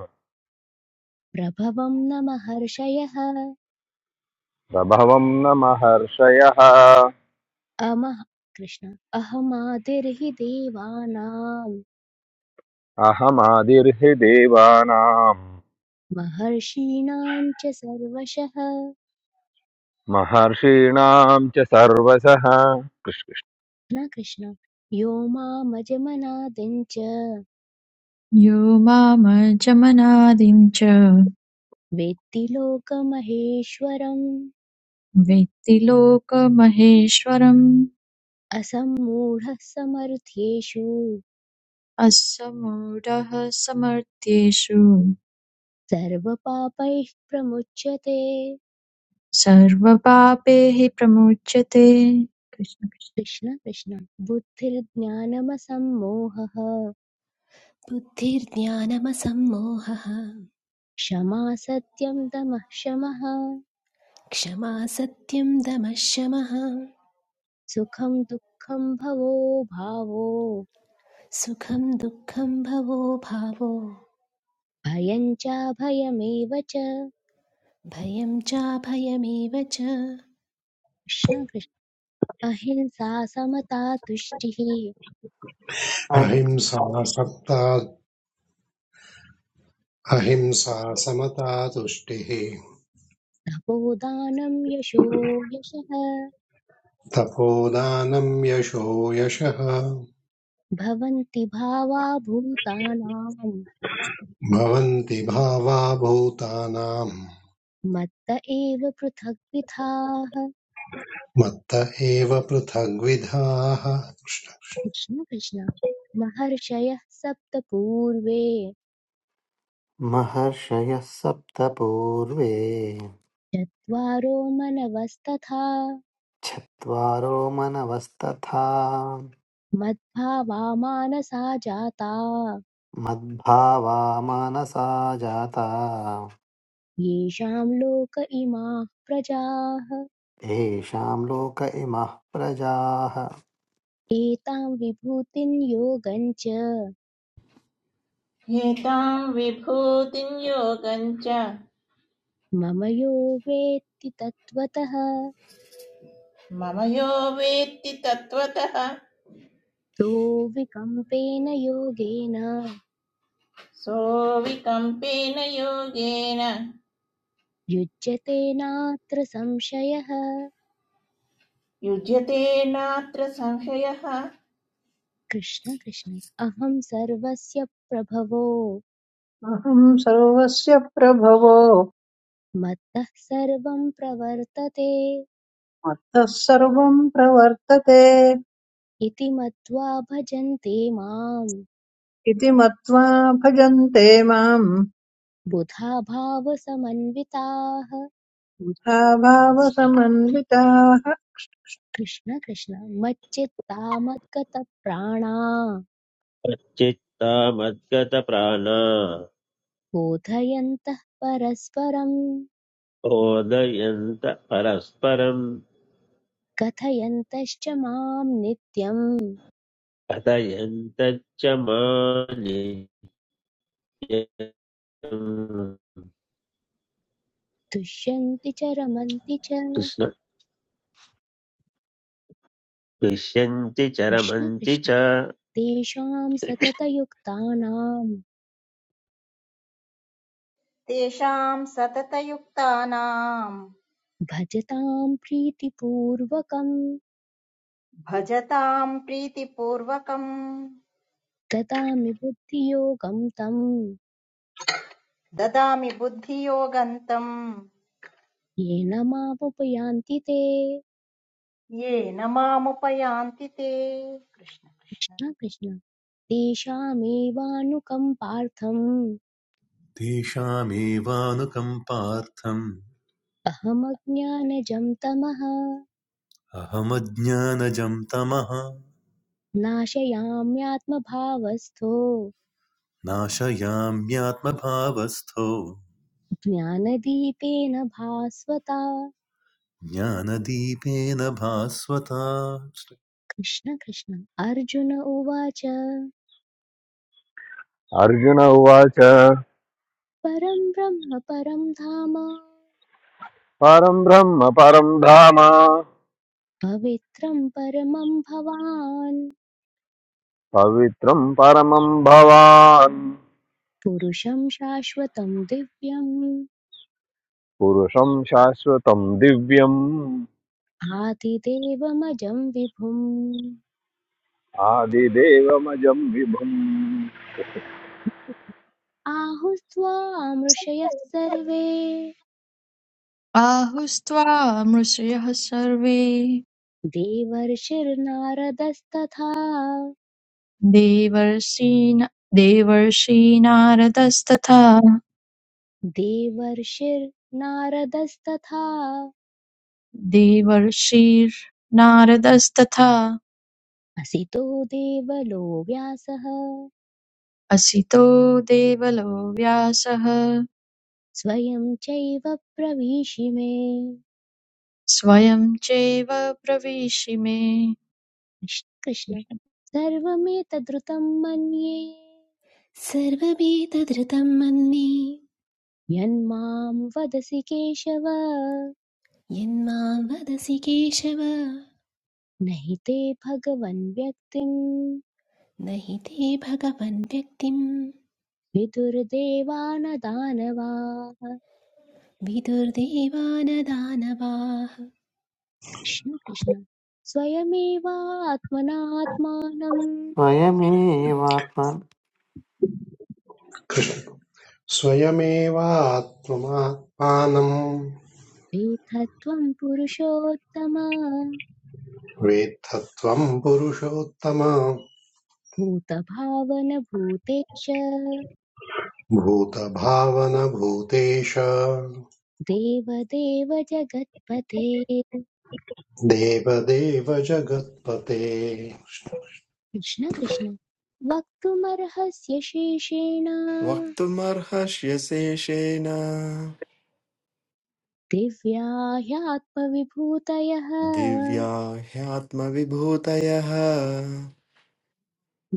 प्रभवं न महर्षयः
प्रभवं न महर्षयः
अमः कृष्ण अहमादिर्हि देवानां
अहमादिर्हि देवानां
महर्षीणां च सर्वशः
महर्षीणां च सर्वसः कृष्ण कृष्ण।
न कृष्ण यो मामजमनादिं च
यो मामर्चमनादिं च
वेत्ति लोकमहेश्वरम्
वेत्ति लोकमहेश्वरम्
असम्मूढः समर्थ्येषु
अस्य मूढः समर्थ्येषु
सर्वपापैः प्रमुच्यते
सर्वपापैः प्रमुच्यते कृष्ण कृष्ण।
कृष्ण कृष्ण बुद्धिर्ज्ञानमसम्मोहः
बुद्धिर्ज्ञानमसम्मोहः
क्षमा सत्यं दमः शमः
क्षमा सत्यं दमः शमः
सुखं दुःखं भवो भावो
सुखं दुःखं भवो भावो
भयं चाभयमेव च
भयं चाभयमेव च
कृष्ण कृष्ण अहिंसा समता तुष्टिः
ऐ-
अहिंसा सत्ता अहिंसा समता तुष्टिः
तपोदानं यशो यशः
तपोदानं यशो यशः
भवन्ति भावा भूतानां
भवन्ति भावा भूतानाम्
मत्त एव पृथक्
मत्त एव पृथग्विधाः
कृष्ण कृष्ण महर्षयः सप्त पूर्वे
महर्षयः सप्त पूर्वे
चत्वारो मनवस्तथा
चत्वारो मनवस्तथा
मद्भावा मानसा जाता
मद्भावा मनसा जाता
येषां लोक इमाः प्रजाः
येषां लोक इमः प्रजाः
एतां विभूतिं योगञ्च
एतां विभूतिं योगं च
मम यो वेत्ति तत्त्वतः
मम यो वेत्ति तत्त्वतः
सो विकम्पेन योगेन
सोऽविकम्पेन योगेन
युज्यते नात्र संशयः
युज्यते नात्र संशयः
कृष्ण कृष्ण अहं सर्वस्य प्रभवो
अहं सर्वस्य प्रभवो
मत्तः सर्वं प्रवर्तते
मत्तः सर्वं प्रवर्तते
इति मत्वा भजन्ते माम्
इति मत्वा भजन्ते माम्
बुधा भावसमन्विताः
तथा भावसमन्विताः
कृष्ण कृष्ण मच्चित्ता मद्गतप्राणा
चित्ता मतगत प्राणा
बोधयन्तः परस्परम्
ओदयंता परस्परम
कथयन्तश्च माम् नित्यम्
अतयंतच मानि कृष्ण
तुष्यन्ति च रमन्ति च
क्लिश्यन्ति च
कृष्ण
रमन्ति
कृष्ण
च
तेषाम् सततयुक्तानाम्
तेषाम् सततयुक्तानाम्
भजताम् प्रीतिपूर्वकम्
भजताम् प्रीतिपूर्वकम्
ददामि बुद्धियोगं तम्
ददामि बुद्धियोगन्तं
येन मामुपयान्ति ते
ये न मामुपयान्ति ते कृष्ण कृष्ण
कृष्ण कृष्ण तेषामेवानुकम्पार्थम्
तेषामेवानुकम्पार्थम्
अहमज्ञानजं तमः
अहमज्ञानजं तमः
नाशयाम्यात्मभावस्थो
नाशयाम्यात्मभावस्थो
ज्ञानदीपेन भास्वता
ज्ञानदीपेन भास्वता
कृष्ण कृष्ण अर्जुन उवाच
अर्जुन उवाच
परं ब्रह्म परं धाम
परं ब्रह्म परं धाम
पवित्रं परमं भवान्
पवित्रं परमं भवान्
पुरुषं शाश्वतं दिव्यम्
पुरुषं शाश्वतं दिव्यम्
आदिदेवमजं विभुम्
आदिदेवमजं विभुम्
आहुस्त्वामृषयः सर्वे
आहुस्त्वा मृषयः सर्वे
देवर्षिर्नारदस्तथा
देवर्षीन् देवर्षीनारदस्तथा
देवर्षिर्नारदस्तथा
देवर्षिर्नारदस्तथा
असितो देवलो व्यासः
असितो देवलो व्यासः
स्वयं चैव प्रवीशिमे
स्वयं चैव प्रविशिमे
कृष्ण सर्वमेतद्रुतं मन्ये
सर्वमेतदृतं मन्ये
यन्मां वदसि केशव
यन्मां वदसि केशव
नहि ते भगवन् व्यक्तिम्
न हि ते भगवन् व्यक्तिम्
विदुर्देवा न दानवाः
विदुर्देवानदानवाः
कृष्ण कृष्ण स्वयमेवात्मनात्मानं
स्वयमेवात्मन्
स्वयमेवात्ममात्मानम्
एतत्त्वं पुरुषोत्तम
वेत्थ त्वम् पुरुषोत्तम
भूतभावन भूतेश
भूतभावनभूतेश
देवदेव जगत्पते
देवदेव जगत्पते
कृष्ण कृष्ण वक्तुमर्हस्य शेषेण
वक्तुमर्हष्यशेषेण
दिव्या ह्यात्मविभूतयः
दिव्या ह्यात्मविभूतयः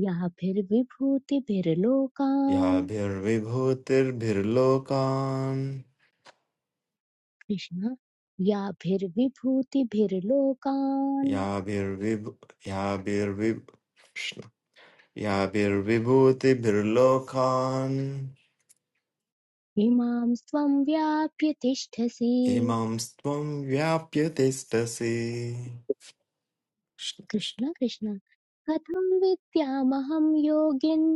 याभिर्विभूतिभिर्लोकान्
याभिर्विभूतिर्भिर्लोकान्
कृष्ण व्याभिर्विभूतिभिर्लोकान्
याभिर्विभू याभिर्विभ कृष्ण। याभिर्विभूतिभिर्लोकान्
इमां स्वं व्याप्य तिष्ठसि
इमां त्वं व्याप्य तिष्ठसि कृष्ण, कृष्ण।
कृष्ण कृष्ण कथं विद्यामहं योगिन्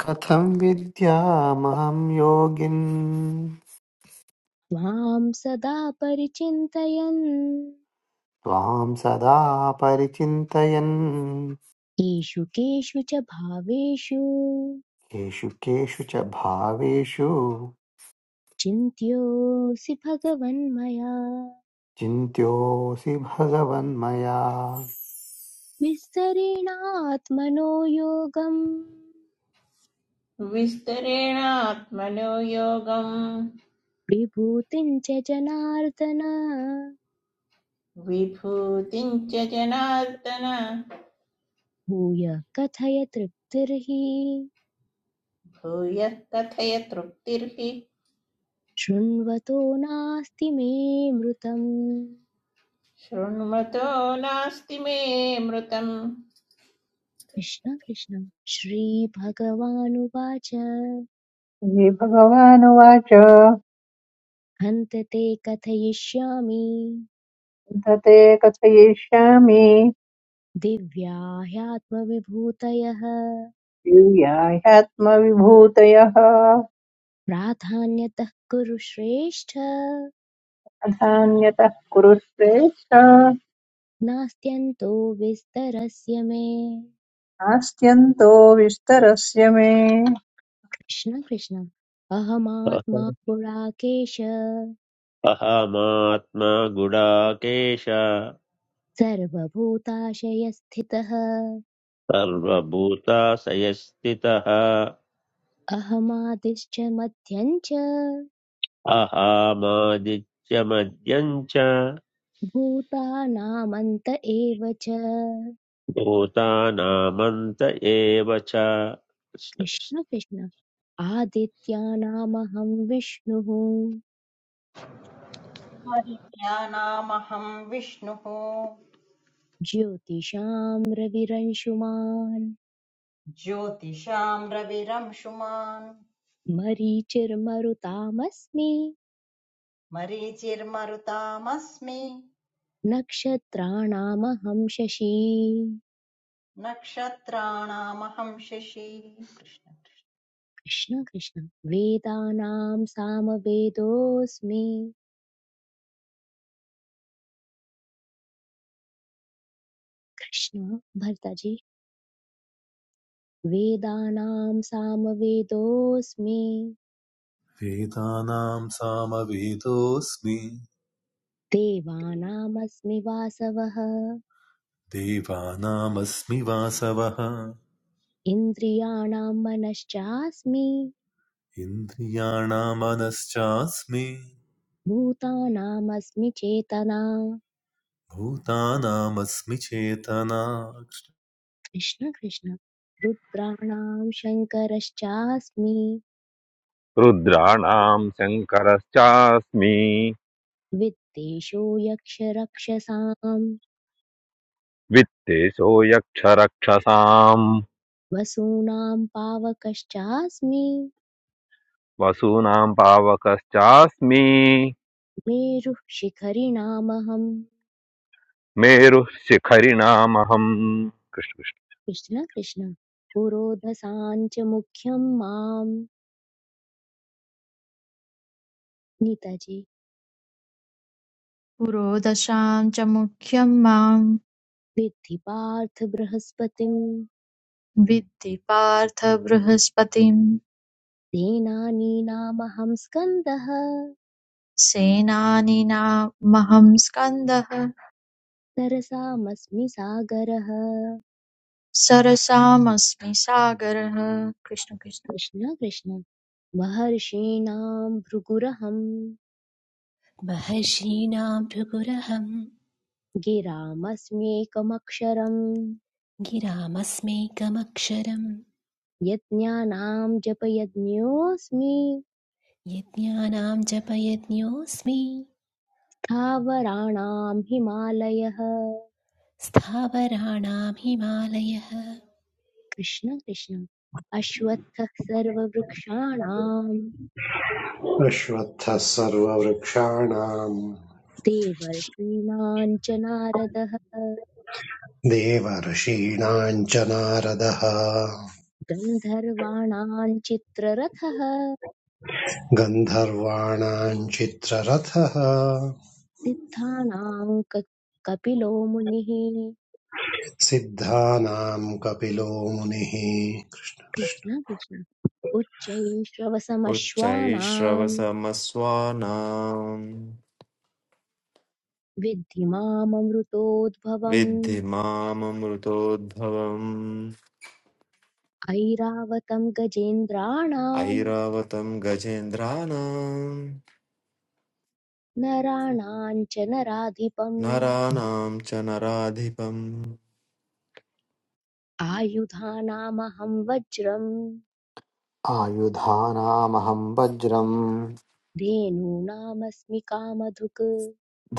कथं विद्यामहं योगिन्
त्वां सदा परिचिन्तयन्
त्वां सदा परिचिन्तयन्
केषु केषु च भावेषु
केषु केषु च भावेषु
चिन्त्योऽसि भगवन् मया
चिन्त्योऽसि भगवन्मया
विस्तरेणात्मनो योगम्
विस्तरेणात्मनो योगम्
विभूतिं च जनार्दन
विभूतिं च जनार्दन
भूय कथय तृप्तिर्हि
भूयः कथय तृप्तिर्हि
शृण्वतो नास्ति मे मृतम्
शृण्वतो नास्ति मे मृतम्
कृष्ण कृष्ण श्रीभगवानुवाच
श्रीभगवानुवाच "अथ
हन्त ते कथयिष्यामि
ते कथयिष्यामि
दिव्या ह्यात्मविभूतयः
यूयाह्यात्मविभूतयः
प्राधान्यतः कुरु श्रेष्ठ
अधान्यतः कुरु श्रेष्ठ
नास्त्यन्तो विस्तरस्य मे
नास्त्यन्तो विस्तरस्य मे
कृष्ण कृष्ण अहमात्मा पुराकेश
अहमात्मा गुडाकेश
सर्वभूताशयस्थितः
सर्वभूताशयस्थितः
अहमादिश्च मध्यं च
अहमादित्यमद्यं च
भूतानामन्त एव च
भूतानामन्त एव च कृष्ण कृष्ण।
कृष्ण कृष्ण आदित्यानामहं विष्णुः
आदित्यानामहम् विष्णुः
ज्योतिषां रविरंशुमान्
ज्योतिषाम् रविरंशुमान्
मरीचिर्मरुतामस्मि
मरीचिर्मरुतामस्मि
नक्षत्राणामहं शशी
नक्षत्राणामहम् शशी कृष्ण
कृष्ण कृष्ण वेदानां सामवेदोऽस्मि कृष्ण भर्ताजी वेदानां सामवेदोऽस्मि
वेदानां सामवेदोऽस्मि
देवानामस्मि वासवः
देवानामस्मि वासवः
इन्द्रियाणां मनश्चास्मि
इन्द्रियाणां मनश्चास्मि
भूतानामस्मि चेतना
भूतानामस्मि चेतना
कृष्ण कृष्ण रुद्राणां शङ्करश्चास्मि
रुद्राणां शङ्करश्चास्मि
वित्तेषो यक्षरक्षसां
वित्तेशो यक्षरक्षसाम्
वसूनां पावकश्चास्मि
वसूनां पावकश्चास्मि
मेरुः शिखरिणामहम्
मेरुः शिखरिणामहम् कृष्ण कृष्ण
कृष्ण कृष्ण पुरोधसां च मुख्यं मां नितजे
पुरोदशां च मुख्यं मां
विद्धि पार्थ बृहस्पतिम्
विद्धि पार्थ बृहस्पतिं
तेनानीनामहं स्कन्दः
सेनानीनामहं स्कन्दः
तरसामस्मि सागरः
सरसामस्मि सागरः कृष्ण कृष्ण
कृष्ण कृष्ण महर्षीणां भृगुरहं
महर्षीणां भृगुरहं
गिरामस्म्येकमक्षरम्
गिरामस्मैकमक्षरम्
यज्ञानां जपयज्ञोऽस्मि
यज्ञानां जपयज्ञोऽस्मि
स्थावराणां हिमालयः
स्थावराणां हिमालयः
कृष्ण कृष्ण अश्वत्थः सर्ववृक्षाणां
अश्वत्थः सर्ववृक्षाणाम्
देवर्षीणां च नारदः
देवर्षीणाम् च नारदः
गन्धर्वाणां चित्ररथः
गन्धर्वाणाम् चित्ररथः
सिद्धानां क- कपिलो मुनिः
सिद्धानाम् कपिलो मुनिः
कृष्ण कृष्ण उच्चैः श्रवसमश्वानां
उच्चैश्रवसमस्वानां
विद्धि माममृतोद्भवम्
विद्धि माममृतोद्भवम्
ऐरावतं गजेन्द्राणां
ऐरावतं गजेन्द्राणां
नराणां च नराधिपम्
नराणां च नराधिपम्
आयुधानामहं वज्रं
आयुधानामहं वज्रं
धेनूनामस्मि कामधुक्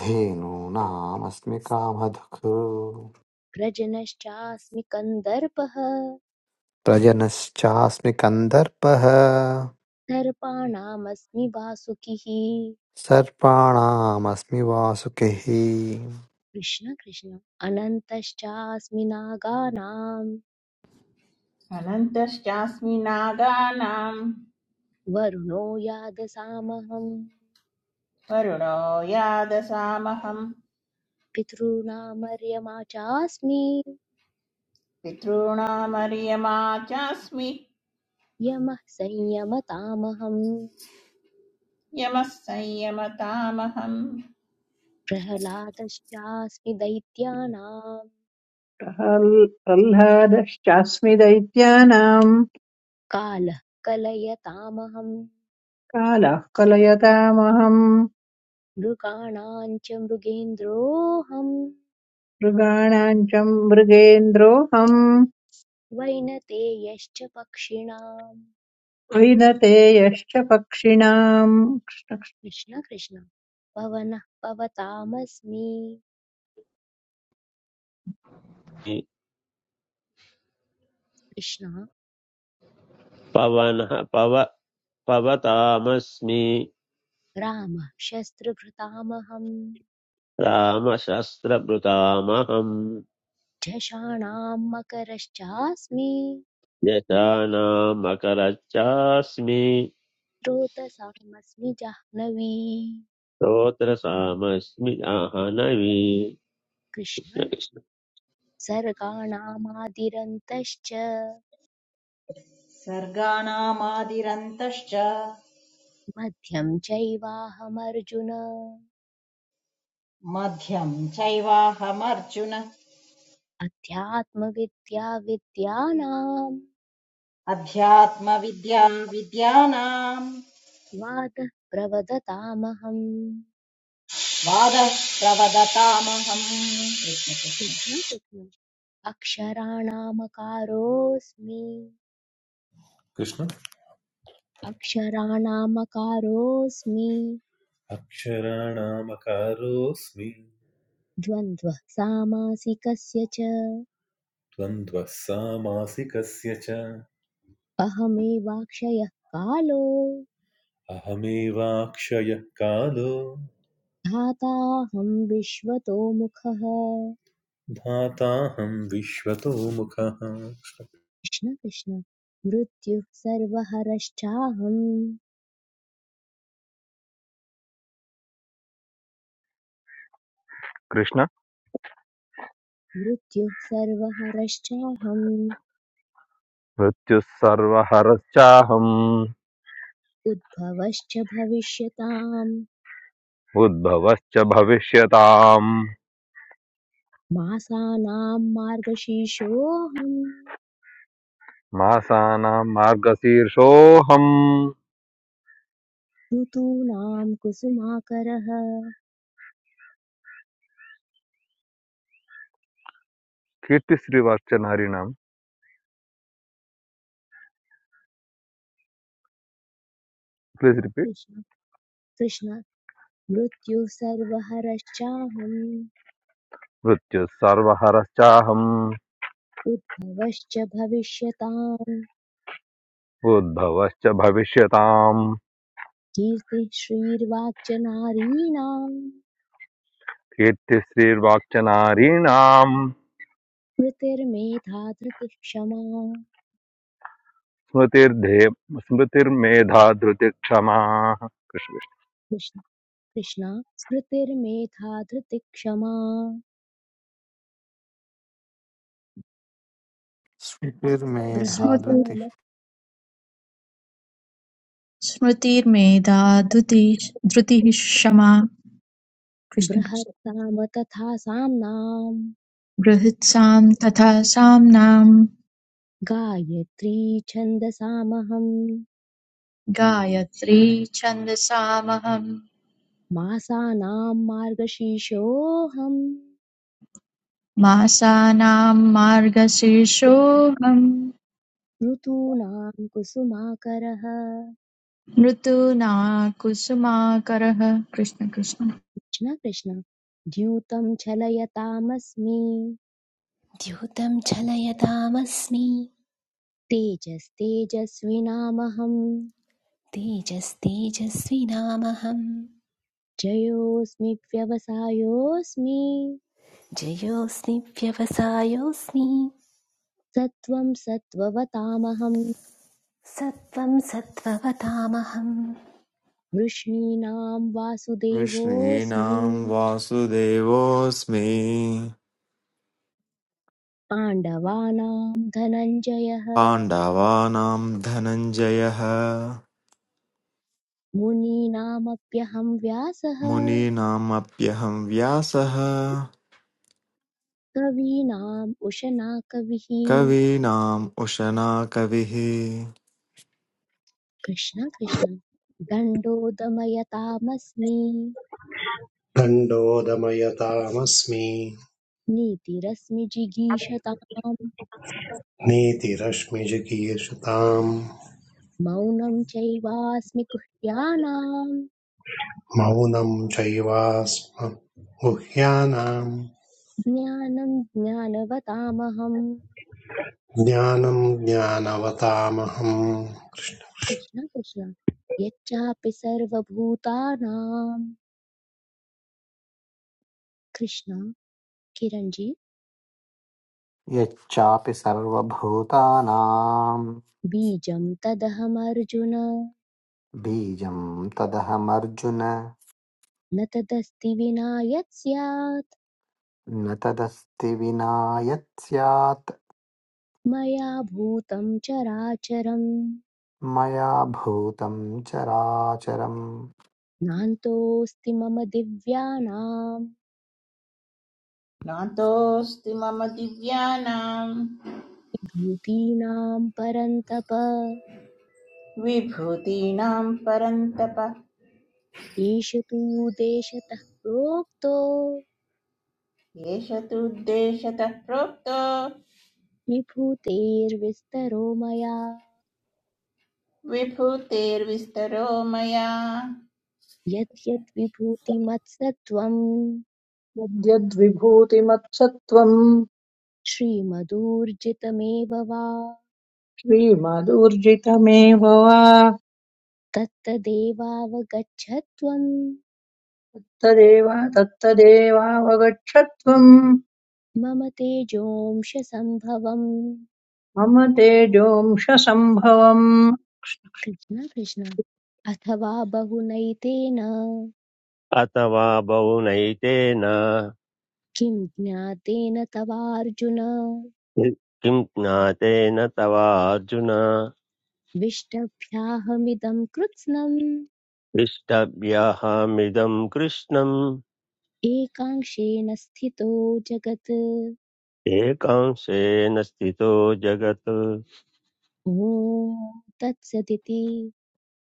धेनूनामस्मि कामधुक्
व्रजनश्चास्मि कन्दर्पः
प्रजनश्चास्मि कन्दर्पः
सर्पाणामस्मि वासुकिः
सर्पाणामस्मि वासुकिः
कृष्ण कृष्ण अनन्तश्चास्मिनागानां
अनन्तश्चास्मि नागानाम्
वरुणो यादसामहम्
वरुणो यादसामहं
पितॄणामर्यमा चास्मि
पितॄणामर्यमा चास्मि
यमः संयमतामहम्
यमः संयमतामहम्
प्रह्लादश्चास्मि दैत्यानां
प्रहल्- प्रह्लादश्चास्मि दैत्यानाम्
कालः कलयतामहम्
कालः कलयतामहम्
मृगाणां च मृगेन्द्रोऽहम्
मृगाणाम् च मृगेन्द्रोऽहम्
वैनतेयश्च पक्षिणाम्
वैनते यश्च पक्षिणाम्
कृष्ण कृष्ण पवनः पवतामस्मि कृष्ण
पवनः पव पवतामस्मि
रामः शस्त्रभृतामहं
रामशस्त्रभृतामहम्
झषाणां मकरश्चास्मि
यथा नामकरच्चास्मि
स्रोतसामस्मि जाह्नवी
श्रोत्रसामस्मि आहनवी कृष्ण
कृष्ण
कृष्ण।
सर्गाणामादिरन्तश्च
सर्गाणामादिरन्तश्च
मध्यं चैवाहमर्जुन
मध्यं चैवाहमर्जुन
अध्यात्मविद्या विद्यानां
अध्यात्मविद्या विद्यानाम्
वादः प्रवदतामहम्
वादः प्रवदतामहम् कृष्ण कृष्ण
कृष्ण कृष्ण अक्षराणामकारोऽस्मि
कृष्ण
अक्षराणामकारोऽस्मि
अक्षराणामकारोऽस्मि
द्वन्द्वः सामासिकस्य च
द्वन्द्वः सामासिकस्य च
अहमेवाक्षयः कालो
अहमेवाक्षयः कालो
धाताहं विश्वतो मुखः
धाताहं विश्वतो मुखः
कृष्ण कृष्ण मृत्युः सर्वहरश्चाहम्
कृष्ण
मृत्युः सर्वहरश्चाहम्
मृत्युः सर्वहरश्चाहम्
उद्भवश्च भविष्यताम्
उद्भवश्च भविष्यताम्
मासानां मार्गशीर्षोऽहम्
मासानां मार्गशीर्षोऽहम्
ऋतूनां कुसुमाकरः
कीर्तिश्रीवर्चनहरिणां प्लीज रिपीट
कृष्ण कृष्ण मृत्युः सर्वहरश्चाहम्
मृत्युः सर्वहरश्चाहम्
उद्भवश्च भविष्यताम्
उद्भवश्च भविष्यताम्
कीर्तिः श्रीर्वाक्च नारीणाम्
कीर्तिश्रीर्वाक्चनारीणाम्
स्मृतिर्मेधा धृतिः क्षमा
स्मृतिर्धे स्मृतिर्मेधा धृतिक्षमा
कृष्ण कृष्णा स्मृतिर्मेधा धृतिः क्षमा
स्फुटिर्मेधा
स्मृति
धृतिः
बृहत्साम
स्मृतिर्मेधा धृति धृतिः क्षमा कृष्ण कृष्ण
बृहत्साम तथा साम्नाम्
बृहत्सां तथा साम्नां
गायत्री छन्दसामहम्
गायत्री छन्दसामहम्
मासानां मार्गशीर्षोऽहम्
मासानां मार्गशीर्षोऽहम्
ऋतूनां कुसुमाकरः
ऋतूना कुसुमाकरः कृष्ण कृष्ण
कृष्ण कृष्ण द्यूतं चलयतामस्मि
द्यूतं चलयतामस्मि
तेजस्तेजस्विनामहम्
तेजस्तेजस्विनामहम्
जयोऽस्मि व्यवसायोऽस्मि
जयोऽस्मि व्यवसायोऽस्मि
सत्त्वं सत्त्ववतामहम्
सत्त्वं सत्त्ववतामहम्
वृष्णीनां वासुदेवोऽस्मि
कृष्णीनां वासुदेवोऽस्मि
पाण्डवानां धनञ्जयः
पाण्डवानां धनञ्जयः
मुनीनामप्यहं व्यासः
मुनीनामप्यहं व्यासः
कवीनाम् उशना कविः
कवीनाम् उशना कविः
कृष्ण कृष्ण दण्डोदमयतामस्मि
दण्डोदमयतामस्मि
नीतिरस्मि जिगीषताम्
नीतिरश्मिजिगीषताम्
मौनं चैवास्मि कुह्यानाम्
मौनं चैवास्म गुह्यानाम्
ज्ञानं ज्ञानवतामहम्
ज्ञानम् ज्ञानवतामहम्
कृष्ण कृष्ण यच्चापि सर्वभूतानां कृष्ण किरञ्जी
यच्चापि सर्वभूतानां
बीजं तदहमर्जुन
बीजं तदहमर्जुन
न तदस्ति विना यत् स्यात्
न तदस्ति विना यत् स्यात्
मया भूतं चराचरं
मया भूतं चराचरम्
नान्तोऽस्ति मम दिव्यानां
नातोऽस्ति मम दिव्यानां
भूतीनां परन्तप
विभूतीनां परन्तप
ईश तु देशतः प्रोक्तो
एष तुद्देशतः प्रोक्तो
विभूतेर्विस्तरो मया
विभूतेर्विस्तरो मया
यद्यद् विभूतिमत्सत्त्वम्
कृष्णकृष्णद्यद्विभूतिमत्सत्त्वम्
श्रीमदूर्जितमेव वा
श्रीमदूर्जितमेव वा
तत्तदेवावगच्छत्वम्
तदेव तत्तदेवावगच्छत्वम्
मम तेजोंश सम्भवम्
मम तेजोंशसम्भवम्
कृष्ण कृष्ण अथवा बहुनैतेन
अथवा बहुनैतेन
किं ज्ञातेन तवार्जुन
किं ज्ञातेन तवार्जुन
विष्टभ्याहमिदं कृत्स्नम्
इष्टभ्यहमिदं कृष्णम्
एकांशेन स्थितो जगत्
एकांशेन स्थितो जगत्
ॐ तत्सदिति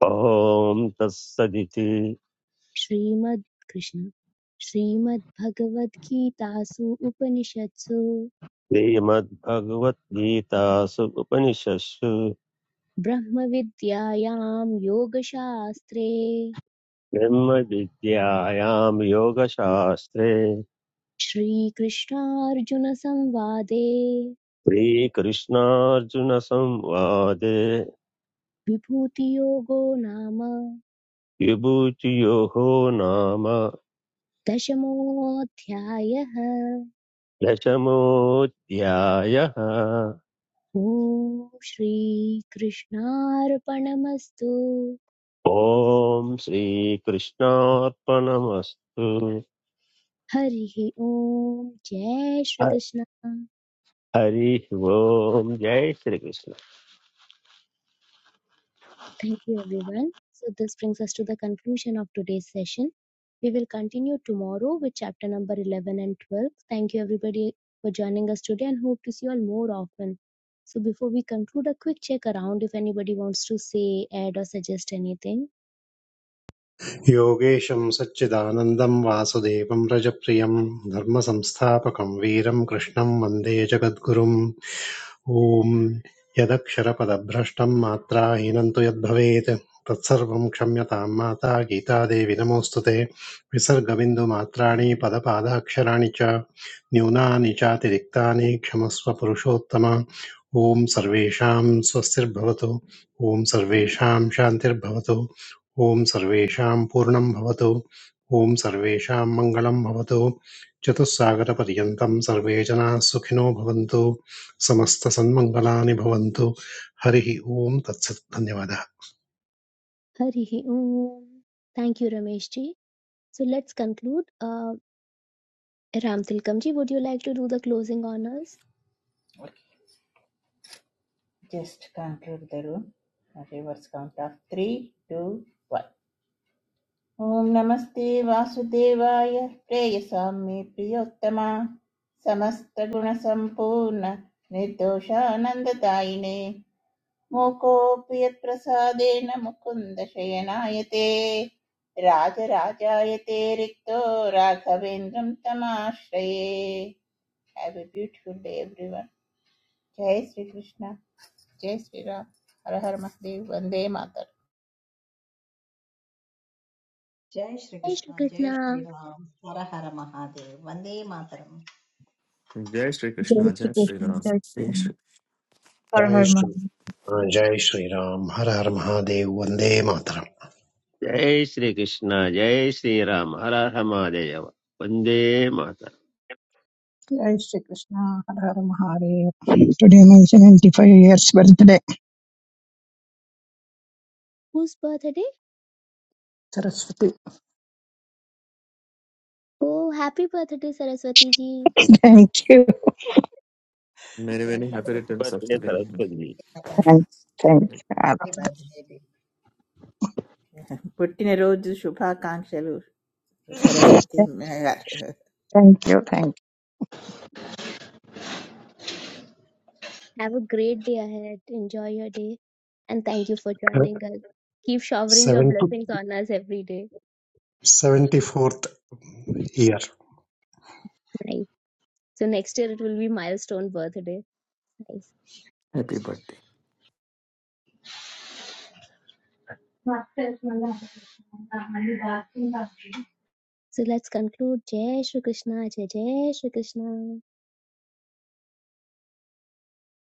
ॐ तत्सदिति
श्रीमद् कृष्ण श्रीमद्भगवद्गीतासु उपनिषत्सु
श्रीमद्भगवद्गीतासु उपनिषत्सु
ब्रह्मविद्यायां योगशास्त्रे
ब्रह्मविद्यायां योगशास्त्रे
श्रीकृष्णार्जुनसंवादे
श्रीकृष्णार्जुनसंवादे
विभूतियोगो नाम
विभूतियोः नाम
दशमोऽध्यायः
दशमोऽध्यायः
ॐ श्रीकृष्णार्पणमस्तु
ॐ श्रीकृष्णार्पणमस्तु
Hari Om, Jai Shri
ह-
Krishna.
हरिः ओम् जय Shri Krishna
Thank you, everyone. So, this brings us to the conclusion of today's session. We will continue tomorrow with chapter number 11 and 12. Thank you, everybody, for joining us today and hope to see you all more often. So, before we conclude, a quick check around if anybody wants to say, add, or suggest anything.
योगेशम् सच्चिदानन्दम् वासुदेवम् रजप्रियम् धर्मसंस्थापकम् वीरं कृष्णं वन्दे जगद्गुरुम् ॐ यदक्षरपदभ्रष्टं मात्राहीनं तु यद्भवेत् तत्सर्वं क्षम्यतां माता गीतादेवि नमोऽस्तु ते विसर्गबिन्दुमात्राणि पदपादाक्षराणि च न्यूनानि चातिरिक्तानि क्षमस्व पुरुषोत्तम ॐ सर्वेषां स्वस्तिर्भवतु ॐ सर्वेषां शान्तिर्भवतु ॐ सर्वेषां पूर्णं भवतु ॐ सर्वेषां मङ्गलं भवतु चतुस्सागरपर्यन्तं सर्वे जनाः सुखिनो भवन्तु समस्तसन्मङ्गलानि भवन्तु हरिः ओम् तत्सत् धन्यवादः
Hari Om. Thank you, Ramesh ji. So, let's conclude. Uh, Ram Tilkam ji, would you like to do the closing honors?
Just conclude the room verse count of three two ॐ नमस्ते वासुदेवाय प्रेयसां मे प्रियोत्तमा समस्तगुणसम्पूर्ण निर्दोषानन्ददायिने मूकोऽपि यत्प्रसादेन मुकुन्द शयनायते राजराजायते रिक्तो राघवेन्द्रं तमाश्रये have a beautiful day everyone జై శ్రీకృష్ణ జై శ్రీరామ్ హర హర మహదేవ్ వందే మాతరం
जय
Jai Shri
श्रीकृष्ण जय
Krishna.
श्रीराम हर हर महादेव वन्दे मातरम्
जय
जय
श्रीकृष्ण जय
श्रीकृष्ण
श्रीराम
जय श्रीराम हर
जय
हर
श्री
महादेव।
जय श्रीराम हर हर महादेव वन्दे मातरम्
जय श्रीकृष्ण जय श्रीराम हर हर महादेव वन्दे माता
Jai Shri Krishna Har Har Mahadev. Today my 75 years birthday.
Whose birthday?
Saraswati.
Oh, happy birthday, Saraswati ji.
[LAUGHS] Thank you.
मेरे
जय
वेनी हैप्पी रिटर्न्स ऑफ
भगवते
द डे
सरस्वती
माता
Thank, thank,
की
God.
बाई
పుట్టినరోజు శుభాకాంక్షలు Saraswati
thank you. Thank you.
Have a great day ahead. Enjoy your day. And thank you for joining us. Keep showering your
seventy
blessings on us every day.
Seventy fourth year
Nice. So next year it will be milestone birthday. Nice.
Happy birthday
So let's conclude. Jai Shri Krishna. Jai Jai Shri Krishna.